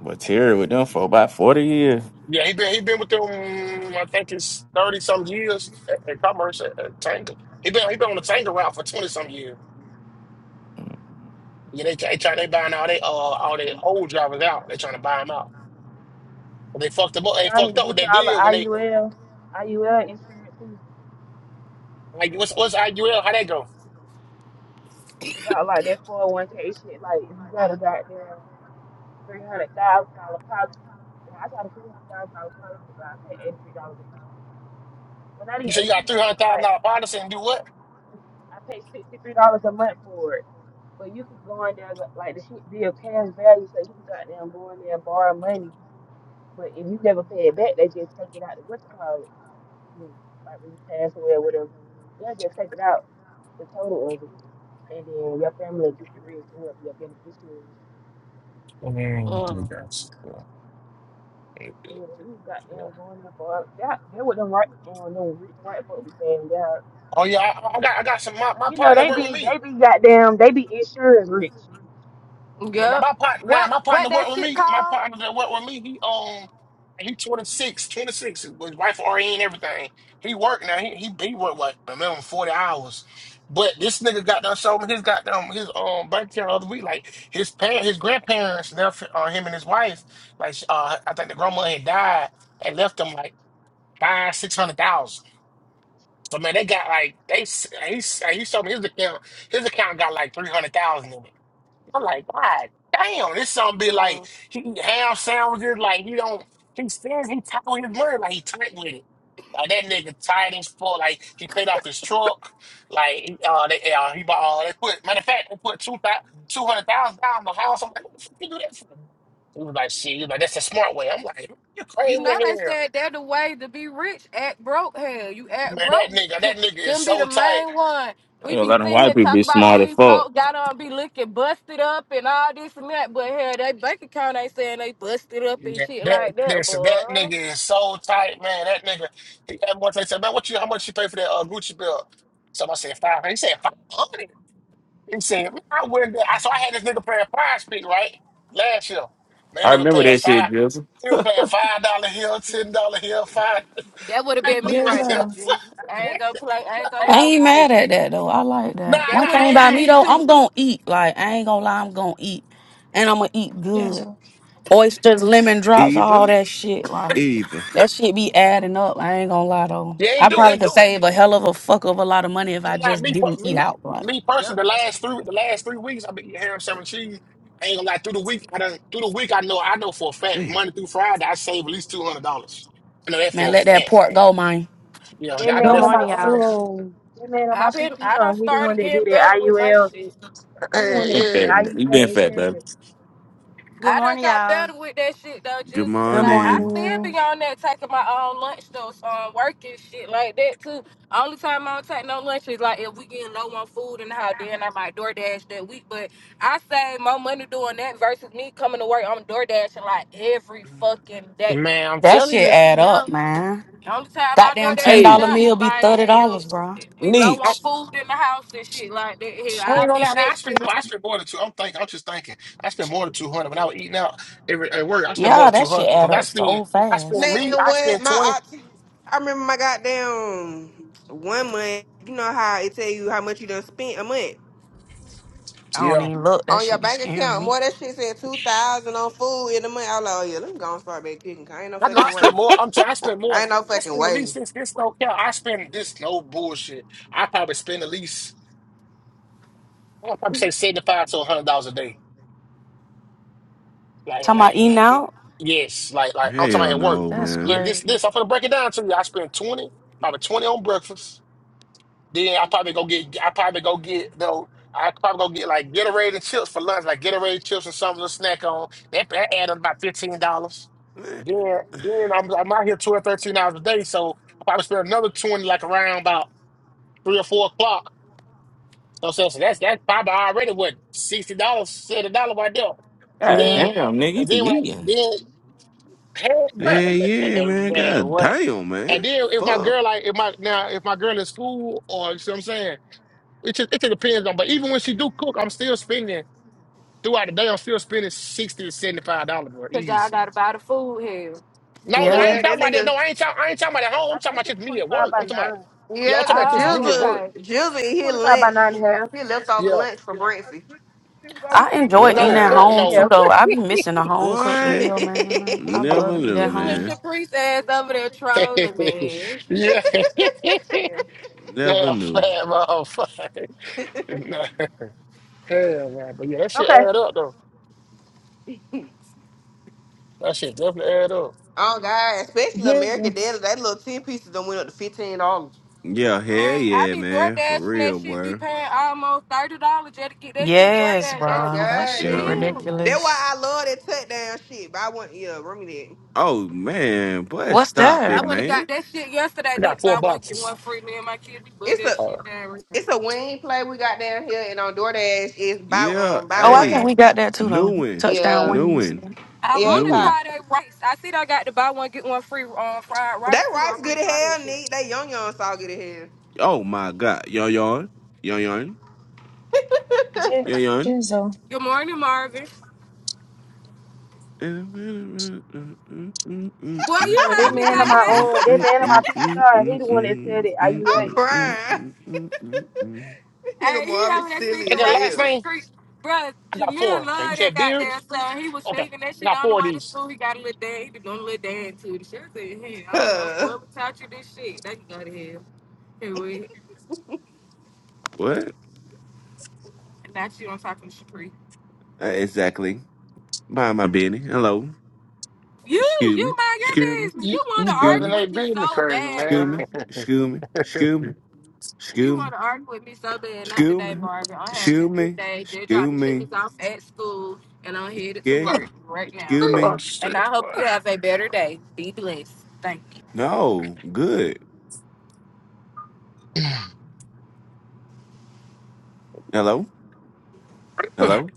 [SPEAKER 11] But Terry with them for about forty years.
[SPEAKER 7] Yeah, he been he been with them. I think it's thirty some years at, at Commerce at, at Tanger. He been he been on the Tanger route for twenty some years.
[SPEAKER 11] I ain't
[SPEAKER 7] Yeah, they they trying they buying all they uh all their old drivers out. They trying to buy them out. But they fucked them up. They
[SPEAKER 5] y'all need
[SPEAKER 7] fucked
[SPEAKER 5] to
[SPEAKER 7] up with
[SPEAKER 5] get
[SPEAKER 7] that
[SPEAKER 5] y'all the
[SPEAKER 7] deal when they
[SPEAKER 5] IUL, IUL insurance is
[SPEAKER 7] like what's what's IUL? How that go?
[SPEAKER 5] about like that 401k shit. Like, you got a goddamn $300,000 policy. Now, I got a $300,000 policy, but I pay $83 a month. Well, not even
[SPEAKER 7] You say you got
[SPEAKER 5] 83 I
[SPEAKER 7] three hundred
[SPEAKER 5] think
[SPEAKER 7] thousand
[SPEAKER 5] like,
[SPEAKER 7] dollar policy and do what?
[SPEAKER 5] I pay $63 a month for it. But you can go in there, like, the shit be of cash value, so you can goddamn go in there and borrow money But if you never pay it back, they just take it out the what you call it. mm, Like when you pass away or whatever. They'll just take it out, the total of it. And then your family get the rest and whoever your beneficiary is.
[SPEAKER 7] Mm,
[SPEAKER 10] Mm.
[SPEAKER 7] okay, guys. Yeah.
[SPEAKER 5] And then you got
[SPEAKER 7] Yeah.
[SPEAKER 5] them going there, boy. That they with them right on them rich white folks damn down
[SPEAKER 7] Oh yeah,
[SPEAKER 5] Like
[SPEAKER 7] I, I got I got some my, my
[SPEAKER 5] you know,
[SPEAKER 7] partner
[SPEAKER 5] they
[SPEAKER 7] work with
[SPEAKER 5] be
[SPEAKER 7] me.
[SPEAKER 5] they be goddamn they be insurance rich.
[SPEAKER 7] Now
[SPEAKER 10] Yep.
[SPEAKER 7] my partner, now
[SPEAKER 10] What
[SPEAKER 7] my
[SPEAKER 10] what
[SPEAKER 7] partner
[SPEAKER 10] that
[SPEAKER 7] worked with
[SPEAKER 10] shit
[SPEAKER 7] me. My
[SPEAKER 10] called?
[SPEAKER 7] partner that worked with me, he um, he 26, 10 to six. Was wife RE and everything. He worked now. He he, he worked what a minimum forty hours. But this nigga got done showing his goddamn his um bank account the other week. Like his parent, his grandparents left uh, him and his wife. Like uh, I think the grandma had died and left them like five six hundred thousand. So man, they got like they s- he s- he showed me his account. His account got like three hundred thousand in it. I'm like, God damn, this song be like he eat ham sandwiches, like he don't he spends he tight with his word, like he tight with it. Like that nigga tight as fuck. Like he paid off his truck. Like uh, they uh, he bought uh, they put matter of fact they put two thousand two hundred thousand dollars on the house. I'm like, what the fuck you do that for? He was like, shit. He was like, that's a smart way. I'm like, man, you
[SPEAKER 10] You
[SPEAKER 7] crazy
[SPEAKER 10] know they
[SPEAKER 7] in here,
[SPEAKER 10] said they're the way to be rich. Act broke, hell, you act
[SPEAKER 7] man.
[SPEAKER 10] broke.
[SPEAKER 7] That nigga, that nigga is
[SPEAKER 10] Them be
[SPEAKER 7] so
[SPEAKER 10] the
[SPEAKER 7] tight.
[SPEAKER 10] main one. We
[SPEAKER 11] gonna
[SPEAKER 10] be
[SPEAKER 11] let them
[SPEAKER 10] sitting
[SPEAKER 11] white
[SPEAKER 10] here
[SPEAKER 11] people be
[SPEAKER 10] talk about
[SPEAKER 11] smart as
[SPEAKER 10] these
[SPEAKER 11] fuck.
[SPEAKER 10] folk got on be looking busted up and all this and that, but hell, they bank account ain't saying they busted up and
[SPEAKER 7] Yeah,
[SPEAKER 10] shit
[SPEAKER 7] That
[SPEAKER 10] like that,
[SPEAKER 7] listen, that
[SPEAKER 10] boy.
[SPEAKER 7] nigga is so tight, man. That nigga, he had one time said, man, what you how much you pay for that uh, Gucci belt? So I said five. He said five hundred. He said, man, I wouldn't. I so I had this nigga paying prize pick right last year. Man,
[SPEAKER 11] I
[SPEAKER 7] nigga
[SPEAKER 11] remember
[SPEAKER 7] paying
[SPEAKER 11] that shit,
[SPEAKER 7] five.
[SPEAKER 11] Jizzle.
[SPEAKER 7] He was paying five dollar here, ten dollar here, five.
[SPEAKER 10] That would have
[SPEAKER 7] Like,
[SPEAKER 10] been
[SPEAKER 7] bro,
[SPEAKER 10] me
[SPEAKER 7] I
[SPEAKER 10] right
[SPEAKER 7] said,
[SPEAKER 10] there,
[SPEAKER 8] Jizzle,
[SPEAKER 10] Jesus. I
[SPEAKER 7] nah,
[SPEAKER 10] ain't gonna play. I ain't gonna
[SPEAKER 12] I
[SPEAKER 10] lie
[SPEAKER 12] ain't
[SPEAKER 10] to you.
[SPEAKER 12] mad at that though. I like
[SPEAKER 7] nah, I,
[SPEAKER 12] that.
[SPEAKER 7] ain't-
[SPEAKER 10] That
[SPEAKER 12] One
[SPEAKER 10] would
[SPEAKER 12] thing
[SPEAKER 10] have been
[SPEAKER 12] about
[SPEAKER 7] I,
[SPEAKER 12] me
[SPEAKER 7] ain't-
[SPEAKER 10] me
[SPEAKER 12] though, I'm
[SPEAKER 10] too.
[SPEAKER 12] gonna eat. Like I ain't gonna lie, I'm gonna eat, and I'm gonna eat good.
[SPEAKER 8] Jizzle,
[SPEAKER 12] Oysters, lemon drops, all
[SPEAKER 1] Eva,
[SPEAKER 12] that shit. Like
[SPEAKER 1] Eva.
[SPEAKER 12] that shit be adding up. I ain't gonna lie though.
[SPEAKER 7] yeah, it
[SPEAKER 12] I
[SPEAKER 7] do,
[SPEAKER 12] probably
[SPEAKER 7] it
[SPEAKER 12] could
[SPEAKER 7] do.
[SPEAKER 12] save a hell of a fuck of a lot of money if I
[SPEAKER 7] Not
[SPEAKER 12] just
[SPEAKER 7] me,
[SPEAKER 12] didn't
[SPEAKER 7] per-
[SPEAKER 12] eat
[SPEAKER 7] me,
[SPEAKER 12] out. Like
[SPEAKER 7] me
[SPEAKER 10] Yep.
[SPEAKER 7] personally. The last three, the last three weeks, I've been eating ham, seven cheese. I ain't gonna lie. Through the week, I done, through the week, I know, I know for a fact,
[SPEAKER 1] Damn.
[SPEAKER 7] Monday through Friday, I save at least two hundred dollars. I know that for
[SPEAKER 12] man,
[SPEAKER 7] a
[SPEAKER 12] let that
[SPEAKER 7] fact.
[SPEAKER 12] pork go, man.
[SPEAKER 7] You know,
[SPEAKER 5] That
[SPEAKER 7] I know
[SPEAKER 13] Good
[SPEAKER 5] man
[SPEAKER 7] that
[SPEAKER 5] on my
[SPEAKER 7] for a
[SPEAKER 13] morning, y'all.
[SPEAKER 7] fact.
[SPEAKER 5] own that man on my
[SPEAKER 10] I been. I done
[SPEAKER 5] PCL, he the one
[SPEAKER 10] started
[SPEAKER 5] that do
[SPEAKER 10] getting better
[SPEAKER 5] that
[SPEAKER 10] with my
[SPEAKER 5] IUL,
[SPEAKER 10] shit.
[SPEAKER 5] he the
[SPEAKER 11] You
[SPEAKER 5] one that
[SPEAKER 11] been
[SPEAKER 5] do that
[SPEAKER 7] Eh,
[SPEAKER 11] fat, you been
[SPEAKER 5] IUL
[SPEAKER 11] fat, baby.
[SPEAKER 5] insurance.
[SPEAKER 13] Good
[SPEAKER 10] I done
[SPEAKER 13] morning,
[SPEAKER 10] got
[SPEAKER 13] y'all.
[SPEAKER 10] better with that shit though,
[SPEAKER 1] Good
[SPEAKER 10] just 'cause
[SPEAKER 12] Good
[SPEAKER 10] like I
[SPEAKER 1] morning.
[SPEAKER 10] still
[SPEAKER 12] morning.
[SPEAKER 10] be on that taking my own lunch though, so I'm working shit like that too. Only time I don't take no lunch is like if we getting low on food in the house then I might DoorDash that week. But I save more money doing that versus me coming to work on DoorDash like every fucking
[SPEAKER 7] yeah,
[SPEAKER 10] day.
[SPEAKER 7] man, I'm
[SPEAKER 12] That
[SPEAKER 7] telling
[SPEAKER 12] shit
[SPEAKER 7] you.
[SPEAKER 12] add up,
[SPEAKER 10] Well,
[SPEAKER 12] man.
[SPEAKER 10] the only time I
[SPEAKER 12] Goddamn ten
[SPEAKER 10] DoorDash
[SPEAKER 11] Hey,
[SPEAKER 12] dollar
[SPEAKER 10] now is
[SPEAKER 12] meal be
[SPEAKER 10] like
[SPEAKER 12] thirty
[SPEAKER 10] if
[SPEAKER 12] dollars, bro.
[SPEAKER 10] we low
[SPEAKER 7] I,
[SPEAKER 10] on
[SPEAKER 11] Neach.
[SPEAKER 10] food in the house and shit like that. Hell,
[SPEAKER 7] I ain't
[SPEAKER 10] I
[SPEAKER 7] gonna lie.
[SPEAKER 10] leave
[SPEAKER 7] Now,
[SPEAKER 10] that
[SPEAKER 7] I
[SPEAKER 10] shit
[SPEAKER 7] spend more. I
[SPEAKER 10] enough
[SPEAKER 7] spend more than two. I'm thinking. I'm just thinking. I spend more than two hundred when I was eating out every, at work. I spend more
[SPEAKER 12] Yeah,
[SPEAKER 7] than
[SPEAKER 12] that
[SPEAKER 7] two
[SPEAKER 12] shit
[SPEAKER 7] hundred because
[SPEAKER 12] add
[SPEAKER 7] I
[SPEAKER 12] up
[SPEAKER 7] spend.
[SPEAKER 12] so
[SPEAKER 7] I
[SPEAKER 12] fast.
[SPEAKER 7] spend
[SPEAKER 3] Man,
[SPEAKER 7] me. I
[SPEAKER 3] what?
[SPEAKER 7] spend twenty.
[SPEAKER 3] My auntie, I remember my goddamn one month. You know how it tell you how much you done spent a month
[SPEAKER 12] I don't
[SPEAKER 7] Yeah.
[SPEAKER 12] even look. That
[SPEAKER 3] on your
[SPEAKER 12] shit be
[SPEAKER 3] bank
[SPEAKER 12] scaring
[SPEAKER 3] account.
[SPEAKER 12] me.
[SPEAKER 3] More that shit said two thousand on food in a month. I was like, oh yeah, let me go and start back cooking. 'cause ain't no
[SPEAKER 7] I know I
[SPEAKER 3] fucking
[SPEAKER 7] spend
[SPEAKER 3] way.
[SPEAKER 7] more. I'm t- I spend more.
[SPEAKER 3] ain't no
[SPEAKER 7] I
[SPEAKER 3] fucking
[SPEAKER 7] spend at
[SPEAKER 3] way.
[SPEAKER 7] least since this don't count. I spend this no bullshit. I probably spend at least I would probably say seventy five to hundred dollars a day. Like,
[SPEAKER 12] Talking
[SPEAKER 7] like
[SPEAKER 12] about eating
[SPEAKER 7] like
[SPEAKER 12] out?
[SPEAKER 7] yes, like like I'm talking
[SPEAKER 1] Hell
[SPEAKER 7] about at work.
[SPEAKER 1] no,
[SPEAKER 12] That's
[SPEAKER 7] Yeah,
[SPEAKER 1] man.
[SPEAKER 7] this
[SPEAKER 12] crazy.
[SPEAKER 7] this I'm gonna break it down to you. I spend twenty, probably twenty on breakfast. Then I probably go get I probably go get though I probably go get like Gatorade and chips for lunch, like Gatorade chips and something to snack on. That, that add up about fifteen dollars. Then then I'm I'm out here two or thirteen hours a day, so I probably spend another twenty like around about three or four o'clock. So, so, so that's that's probably already what sixty dollars, seventy dollars right there. And
[SPEAKER 11] God
[SPEAKER 12] Yeah,
[SPEAKER 7] then
[SPEAKER 11] damn,
[SPEAKER 7] and
[SPEAKER 11] nigga, you
[SPEAKER 7] then
[SPEAKER 11] be
[SPEAKER 7] when I,
[SPEAKER 11] eating.
[SPEAKER 7] then hell
[SPEAKER 1] Yeah,
[SPEAKER 7] well
[SPEAKER 1] yeah,
[SPEAKER 7] man,
[SPEAKER 1] man.
[SPEAKER 7] man
[SPEAKER 1] God
[SPEAKER 7] what
[SPEAKER 1] damn,
[SPEAKER 7] and
[SPEAKER 1] man.
[SPEAKER 7] then if my
[SPEAKER 1] Fuck.
[SPEAKER 7] girl like if my now if my girl in school or you see what I'm saying it just, it just depends on. But even when she do cook, I'm still spending throughout the day. I'm still spending sixty to seventy five dollars, bro.
[SPEAKER 10] because y'all
[SPEAKER 7] Easy.
[SPEAKER 10] gotta buy the food here.
[SPEAKER 5] You
[SPEAKER 7] No,
[SPEAKER 5] said
[SPEAKER 7] no, I
[SPEAKER 12] yeah.
[SPEAKER 7] ain't
[SPEAKER 5] what?
[SPEAKER 3] Yeah,
[SPEAKER 7] talking
[SPEAKER 3] that
[SPEAKER 7] about that.
[SPEAKER 3] nigga.
[SPEAKER 7] No, I ain't talking. I ain't talking about at home. I'm
[SPEAKER 5] I
[SPEAKER 7] talking
[SPEAKER 5] think
[SPEAKER 7] about
[SPEAKER 5] it's
[SPEAKER 7] just me
[SPEAKER 5] twenty
[SPEAKER 7] at
[SPEAKER 5] five
[SPEAKER 7] work.
[SPEAKER 5] by
[SPEAKER 7] I'm talking about.
[SPEAKER 5] nine.
[SPEAKER 7] Yeah, I'm
[SPEAKER 3] Yeah,
[SPEAKER 7] talking
[SPEAKER 3] cause
[SPEAKER 7] about just
[SPEAKER 10] Oh,
[SPEAKER 7] me at
[SPEAKER 3] Jilda,
[SPEAKER 10] okay.
[SPEAKER 7] work.
[SPEAKER 3] Jilda,
[SPEAKER 5] It's
[SPEAKER 3] he
[SPEAKER 5] 25 by
[SPEAKER 3] lunch,
[SPEAKER 5] 9 and a half.
[SPEAKER 3] he left over
[SPEAKER 7] Yeah.
[SPEAKER 3] lunch for breakfast.
[SPEAKER 12] I enjoy eating
[SPEAKER 7] No,
[SPEAKER 12] at
[SPEAKER 1] What?
[SPEAKER 7] fuck
[SPEAKER 12] home
[SPEAKER 7] no.
[SPEAKER 5] Yeah.
[SPEAKER 12] too, though. I be missing a home cooked
[SPEAKER 1] What?
[SPEAKER 12] meal, man. I
[SPEAKER 1] Never
[SPEAKER 12] love to eat
[SPEAKER 1] knew,
[SPEAKER 12] at
[SPEAKER 10] This
[SPEAKER 12] home.
[SPEAKER 10] little
[SPEAKER 1] man.
[SPEAKER 10] Caprice ass over there trolling me.
[SPEAKER 7] yeah.
[SPEAKER 5] Yeah.
[SPEAKER 1] Never
[SPEAKER 7] yeah,
[SPEAKER 1] knew.
[SPEAKER 7] fat motherfucker. Nah, Hell, man. But yeah, that shit
[SPEAKER 5] Okay.
[SPEAKER 7] add up though. That shit definitely add up.
[SPEAKER 3] oh God, especially
[SPEAKER 8] Jizzle,
[SPEAKER 3] American Deli, that little ten pieces done went up to fifteen dollars.
[SPEAKER 1] Yeah,
[SPEAKER 3] Oh,
[SPEAKER 1] hell
[SPEAKER 10] Man, I
[SPEAKER 1] yeah,
[SPEAKER 10] be door
[SPEAKER 1] man. For
[SPEAKER 10] dashing that
[SPEAKER 1] real,
[SPEAKER 10] shit, be
[SPEAKER 1] boy.
[SPEAKER 10] paying almost thirty dollars just to get that shit door
[SPEAKER 12] Yes,
[SPEAKER 10] dash. That
[SPEAKER 3] oh
[SPEAKER 10] two
[SPEAKER 12] bro. That
[SPEAKER 3] God,
[SPEAKER 10] fucking
[SPEAKER 12] shit
[SPEAKER 3] nigga.
[SPEAKER 1] Yeah.
[SPEAKER 10] meals.
[SPEAKER 3] That's
[SPEAKER 12] ridiculous.
[SPEAKER 3] why I love that touchdown shit. But I want yeah, bring me that.
[SPEAKER 1] Oh man, but
[SPEAKER 12] What's
[SPEAKER 1] stop it,
[SPEAKER 10] I
[SPEAKER 12] that?
[SPEAKER 10] went and
[SPEAKER 1] man.
[SPEAKER 10] got that shit yesterday. I
[SPEAKER 7] I got
[SPEAKER 10] did
[SPEAKER 7] four
[SPEAKER 10] buy one get
[SPEAKER 7] boxes.
[SPEAKER 10] one free. Me and my kid be buy
[SPEAKER 3] It's
[SPEAKER 10] that
[SPEAKER 3] a
[SPEAKER 7] Uh,
[SPEAKER 10] shit down.
[SPEAKER 3] it's a wing play we got down here and on DoorDash it's buy
[SPEAKER 1] Yeah,
[SPEAKER 3] um buy
[SPEAKER 12] Oh, I think
[SPEAKER 3] one.
[SPEAKER 12] we
[SPEAKER 1] hey.
[SPEAKER 12] got that too,
[SPEAKER 1] New
[SPEAKER 12] though.
[SPEAKER 1] one.
[SPEAKER 12] Touchdown
[SPEAKER 3] Yeah.
[SPEAKER 1] New
[SPEAKER 12] wings.
[SPEAKER 1] one.
[SPEAKER 10] I
[SPEAKER 3] Yeah,
[SPEAKER 10] want
[SPEAKER 3] it
[SPEAKER 1] New
[SPEAKER 10] to
[SPEAKER 3] caught
[SPEAKER 1] one.
[SPEAKER 10] try that rice. I see I got to buy one get one free on fried
[SPEAKER 3] that
[SPEAKER 10] rice too. I
[SPEAKER 3] rice good
[SPEAKER 10] want to
[SPEAKER 3] as
[SPEAKER 10] try that
[SPEAKER 3] hell,
[SPEAKER 10] shit.
[SPEAKER 3] nigga. That young young saw good as hell.
[SPEAKER 1] Oh my god. Yo yon. Yo yon.
[SPEAKER 8] Jizzle,
[SPEAKER 1] Yo yon.
[SPEAKER 8] Jizzle.
[SPEAKER 10] Good morning, Marvin.
[SPEAKER 1] What?
[SPEAKER 10] Boy,
[SPEAKER 5] Yeah,
[SPEAKER 10] you
[SPEAKER 5] but that
[SPEAKER 10] heard me,
[SPEAKER 5] man on my
[SPEAKER 10] goddamn.
[SPEAKER 5] own, that man on my PTR, he the one that said it. Are you
[SPEAKER 3] I'm
[SPEAKER 5] at insurance?
[SPEAKER 3] crying. Nigga
[SPEAKER 10] Hey, he
[SPEAKER 3] Marvin
[SPEAKER 10] over there singing
[SPEAKER 3] silly
[SPEAKER 7] and
[SPEAKER 3] as
[SPEAKER 7] the
[SPEAKER 10] right
[SPEAKER 7] last
[SPEAKER 10] foot
[SPEAKER 3] hell.
[SPEAKER 7] name?
[SPEAKER 10] creek. Bruh,
[SPEAKER 7] I got
[SPEAKER 10] Jamil
[SPEAKER 7] four. Okay, you
[SPEAKER 10] loved that
[SPEAKER 7] said beard.
[SPEAKER 10] goddamn song. He was
[SPEAKER 7] Okay,
[SPEAKER 10] singing that
[SPEAKER 7] I
[SPEAKER 10] shit
[SPEAKER 7] got
[SPEAKER 10] on the
[SPEAKER 7] four of
[SPEAKER 10] way to
[SPEAKER 7] these.
[SPEAKER 10] school. He got a little dance. He was doing a little dance to it. She said, hey, I don't know. Whoever taught you this shit, they can go to hell. Anyway, not you. I'm talking to Shapri.
[SPEAKER 1] Uh, Exactly. Mind my business. Hello.
[SPEAKER 10] You,
[SPEAKER 1] Excuse me.
[SPEAKER 10] you mind your
[SPEAKER 1] Excuse me.
[SPEAKER 10] business.
[SPEAKER 7] You,
[SPEAKER 10] You want
[SPEAKER 7] you
[SPEAKER 10] to
[SPEAKER 7] better
[SPEAKER 1] Excuse
[SPEAKER 7] than
[SPEAKER 10] argue
[SPEAKER 1] me.
[SPEAKER 7] they
[SPEAKER 10] with me
[SPEAKER 7] been the
[SPEAKER 10] so
[SPEAKER 7] crazy,
[SPEAKER 10] bad,
[SPEAKER 1] Excuse
[SPEAKER 7] man.
[SPEAKER 10] bro.
[SPEAKER 1] me. Excuse me. Excuse me.
[SPEAKER 10] You
[SPEAKER 1] Excuse
[SPEAKER 10] want
[SPEAKER 1] me.
[SPEAKER 10] to argue with me so bad. Not
[SPEAKER 1] Excuse
[SPEAKER 10] today,
[SPEAKER 1] me.
[SPEAKER 10] Marvin. I'm having a
[SPEAKER 1] Excuse
[SPEAKER 10] good
[SPEAKER 1] me.
[SPEAKER 10] day. Just dropped
[SPEAKER 1] Excuse
[SPEAKER 10] the
[SPEAKER 1] me.
[SPEAKER 10] chickens off at school, and I'm headed to
[SPEAKER 1] Yeah.
[SPEAKER 10] work right now.
[SPEAKER 1] Excuse
[SPEAKER 7] Oh,
[SPEAKER 1] me.
[SPEAKER 10] And
[SPEAKER 7] shit,
[SPEAKER 10] I hope you
[SPEAKER 7] boy.
[SPEAKER 10] have a better day. Be blessed. Thank you.
[SPEAKER 1] No. Good. Hello. Hello.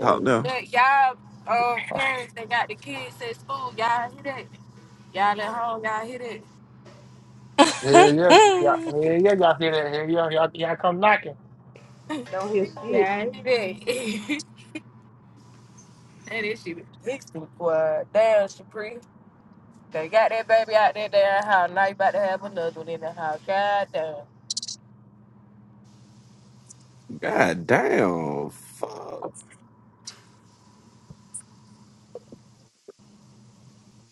[SPEAKER 1] Talk
[SPEAKER 7] Oh,
[SPEAKER 1] now.
[SPEAKER 10] But y'all um parents that got the kids at school, y'all hit it. Y'all at home, y'all hit it.
[SPEAKER 12] when?
[SPEAKER 7] Hell yeah, yeah, hell yeah, y'all hear that? Hell yeah, y'all, y'all come knocking.
[SPEAKER 5] Don't hear shit.
[SPEAKER 10] Yeah, hit it. and this shit existing for a damn Shapri. They got that baby out there damn house. Now you about to have another one in the house. God damn.
[SPEAKER 1] God damn. Fuck.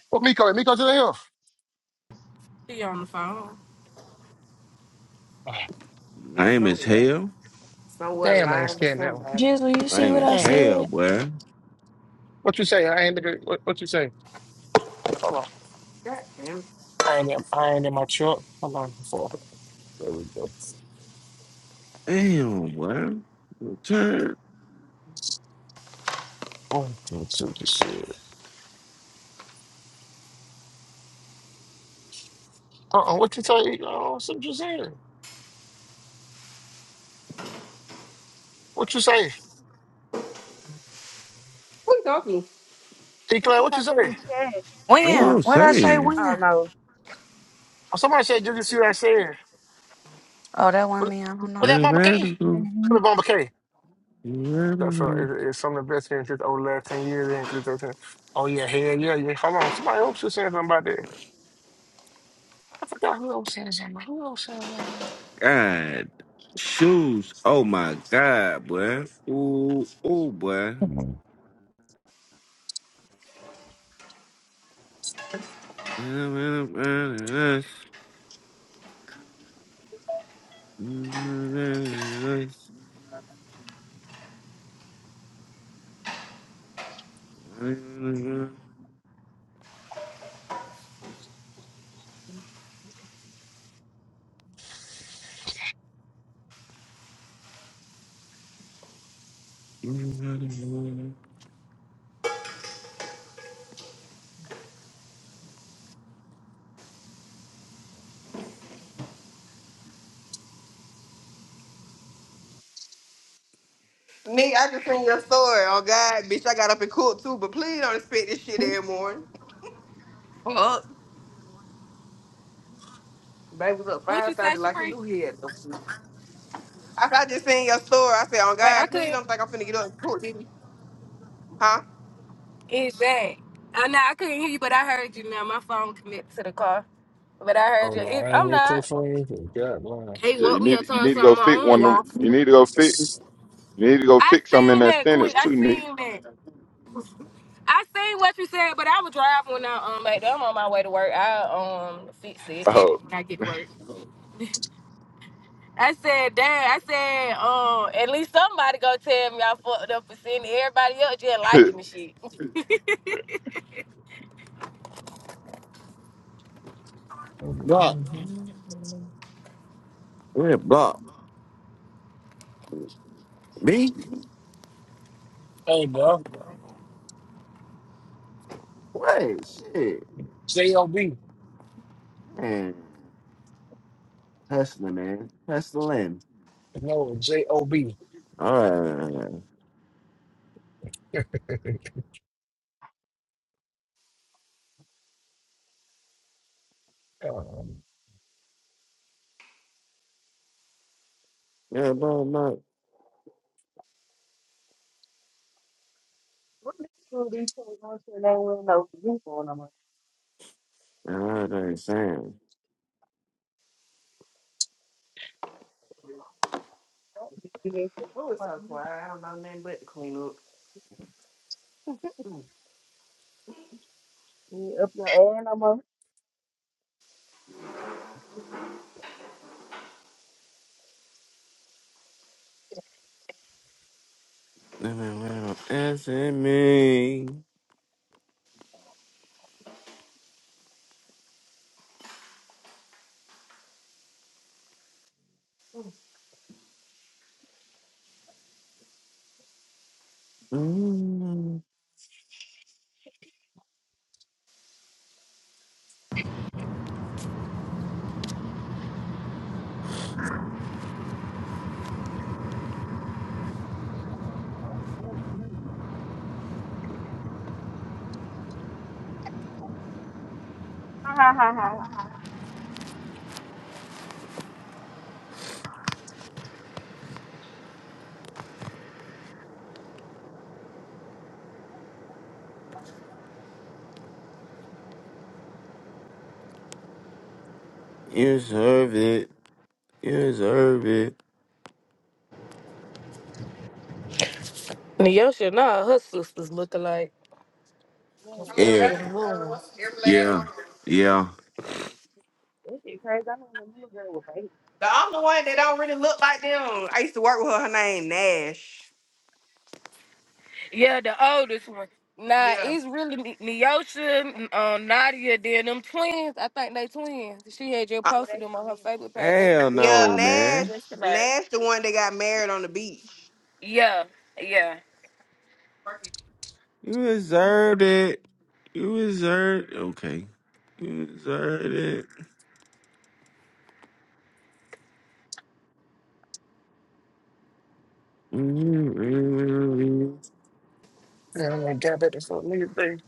[SPEAKER 7] What Miko? Hey, Miko to the hill.
[SPEAKER 10] She on the phone.
[SPEAKER 7] Oh,
[SPEAKER 3] He's
[SPEAKER 1] Lame as
[SPEAKER 3] somewhere.
[SPEAKER 1] hell.
[SPEAKER 3] Somewhere
[SPEAKER 7] damn, I ain't
[SPEAKER 3] lying to
[SPEAKER 7] scared of that one.
[SPEAKER 3] somebody.
[SPEAKER 8] Jizzle, You see
[SPEAKER 1] Lame
[SPEAKER 8] what I
[SPEAKER 1] as
[SPEAKER 7] Damn.
[SPEAKER 1] hell,
[SPEAKER 8] said?
[SPEAKER 1] boy.
[SPEAKER 7] What you say? I ain't the good- what, what you say? Hold on.
[SPEAKER 3] God damn.
[SPEAKER 7] I ain't in, I ain't in my truck. Hold on. Before. There we go.
[SPEAKER 1] Damn, boy. Turn.
[SPEAKER 7] One, two, three, what you said. Uh-uh, what you say? Oh, that's what you said. What you say?
[SPEAKER 3] What you talking?
[SPEAKER 5] Then
[SPEAKER 7] Declan,
[SPEAKER 5] she
[SPEAKER 7] what you
[SPEAKER 5] typed it in the
[SPEAKER 7] say?
[SPEAKER 5] chat.
[SPEAKER 1] That's what I'm
[SPEAKER 12] What I say?
[SPEAKER 1] saying.
[SPEAKER 5] I don't
[SPEAKER 12] When?
[SPEAKER 5] know.
[SPEAKER 7] Oh, somebody said, did you see what I said?
[SPEAKER 12] Oh, that wasn't
[SPEAKER 7] Was,
[SPEAKER 12] me. I don't
[SPEAKER 7] was
[SPEAKER 12] know.
[SPEAKER 7] that
[SPEAKER 1] That
[SPEAKER 7] Mama K?
[SPEAKER 1] radical.
[SPEAKER 7] That was Mama K. So, so
[SPEAKER 1] Radical.
[SPEAKER 7] is, is some of the best things just over the last 10 years in includes everything. Oh, yeah, hell yeah, yeah. Hold on. Somebody else was saying something about that. I forgot who else said something. Who else said something?
[SPEAKER 1] God. Shoes. Oh my God, boy. Ooh, ooh, boy.
[SPEAKER 3] Nigga, I just seen your story. Oh God, bitch, I got up and cooked too, but please don't expect this shit every morning. Fuck. Baby was up
[SPEAKER 10] What you
[SPEAKER 3] five
[SPEAKER 10] say,
[SPEAKER 3] thirty, like he
[SPEAKER 10] Shapri?
[SPEAKER 3] knew he had no food. I, I just seen your story. I said, oh
[SPEAKER 10] Wait, I
[SPEAKER 3] God, please
[SPEAKER 10] couldn't
[SPEAKER 3] don't think I'm finna get up and cook, did he? Huh?
[SPEAKER 10] it's that. I know I couldn't hear you, but I heard you now. My phone connected to the car. But I
[SPEAKER 7] Oh,
[SPEAKER 10] heard you.
[SPEAKER 7] Lord,
[SPEAKER 10] It,
[SPEAKER 7] I ain't
[SPEAKER 10] I'm
[SPEAKER 7] real
[SPEAKER 10] not.
[SPEAKER 7] close friends. Oh, God,
[SPEAKER 10] They
[SPEAKER 2] yeah, you
[SPEAKER 10] woke me
[SPEAKER 2] need,
[SPEAKER 10] up
[SPEAKER 2] you
[SPEAKER 10] to
[SPEAKER 2] need to
[SPEAKER 10] some
[SPEAKER 2] go
[SPEAKER 10] of
[SPEAKER 2] fix
[SPEAKER 10] my own
[SPEAKER 2] one of them.
[SPEAKER 10] walk.
[SPEAKER 2] You need to go fix, you need to go
[SPEAKER 10] I
[SPEAKER 2] fix some in
[SPEAKER 10] seen
[SPEAKER 2] that
[SPEAKER 10] that, Queen.
[SPEAKER 2] sentence
[SPEAKER 10] I
[SPEAKER 2] too, Nick.
[SPEAKER 10] seen that. I seen what you said, but I was driving when I um like I'm on my way to work. I um fixed it
[SPEAKER 2] Oh,
[SPEAKER 10] when I get to work. I said, damn, I said, um, at least somebody gonna tell me I fucked up for seeing everybody else just
[SPEAKER 2] what
[SPEAKER 10] liking the shit.
[SPEAKER 1] Block.
[SPEAKER 7] man.
[SPEAKER 1] Yeah, block. Me?
[SPEAKER 7] Hey, bro.
[SPEAKER 1] Wait, shit.
[SPEAKER 7] J-O-B.
[SPEAKER 1] Man. Hustling, man. Hustling.
[SPEAKER 7] No, J-O-B.
[SPEAKER 1] Alright, yeah, yeah, yeah.
[SPEAKER 7] um, yeah, I'm
[SPEAKER 1] Yeah, but not
[SPEAKER 5] What the school these people going to and they ain't wearing no people no more?
[SPEAKER 1] another saying.
[SPEAKER 5] You ain't fit
[SPEAKER 3] What
[SPEAKER 5] the
[SPEAKER 3] was
[SPEAKER 5] fuck
[SPEAKER 3] so
[SPEAKER 5] you.
[SPEAKER 3] quiet? I don't know nothing but to clean up.
[SPEAKER 5] You ain't up your ass no more.
[SPEAKER 1] Living little S in me. Mm,
[SPEAKER 5] Yeah, man. Ha ha ha ha.
[SPEAKER 1] You deserve it. You deserve it.
[SPEAKER 10] Nyosha, nah, her sisters looking like,
[SPEAKER 5] Man,
[SPEAKER 3] Oh
[SPEAKER 5] that
[SPEAKER 10] especially
[SPEAKER 1] Yeah,
[SPEAKER 5] was
[SPEAKER 10] the
[SPEAKER 3] God, uh,
[SPEAKER 10] moon.
[SPEAKER 3] every last
[SPEAKER 1] yeah,
[SPEAKER 3] one. of them.
[SPEAKER 1] yeah.
[SPEAKER 5] that shit crazy. I mean, when little girl was baby,
[SPEAKER 3] The only one that don't really look like them. I used to work with her. Her name Nash.
[SPEAKER 10] Yeah, the oldest one. Nah,
[SPEAKER 3] Yeah.
[SPEAKER 10] it's really Ne- Neosha, um, Nadia, then them twins. I think they twins. She had just
[SPEAKER 3] Uh,
[SPEAKER 5] yeah,
[SPEAKER 10] posted
[SPEAKER 5] they
[SPEAKER 10] them on her
[SPEAKER 5] singing.
[SPEAKER 10] Facebook page. They look
[SPEAKER 1] Hell
[SPEAKER 3] yeah,
[SPEAKER 1] no,
[SPEAKER 10] all
[SPEAKER 1] man.
[SPEAKER 10] just
[SPEAKER 3] Nash.
[SPEAKER 10] like
[SPEAKER 3] Nash, the one that got married on the beach.
[SPEAKER 10] yeah, yeah,
[SPEAKER 1] You deserved it. You deserved. Okay, you deserved it. What
[SPEAKER 7] gonna get back to something nigga thing.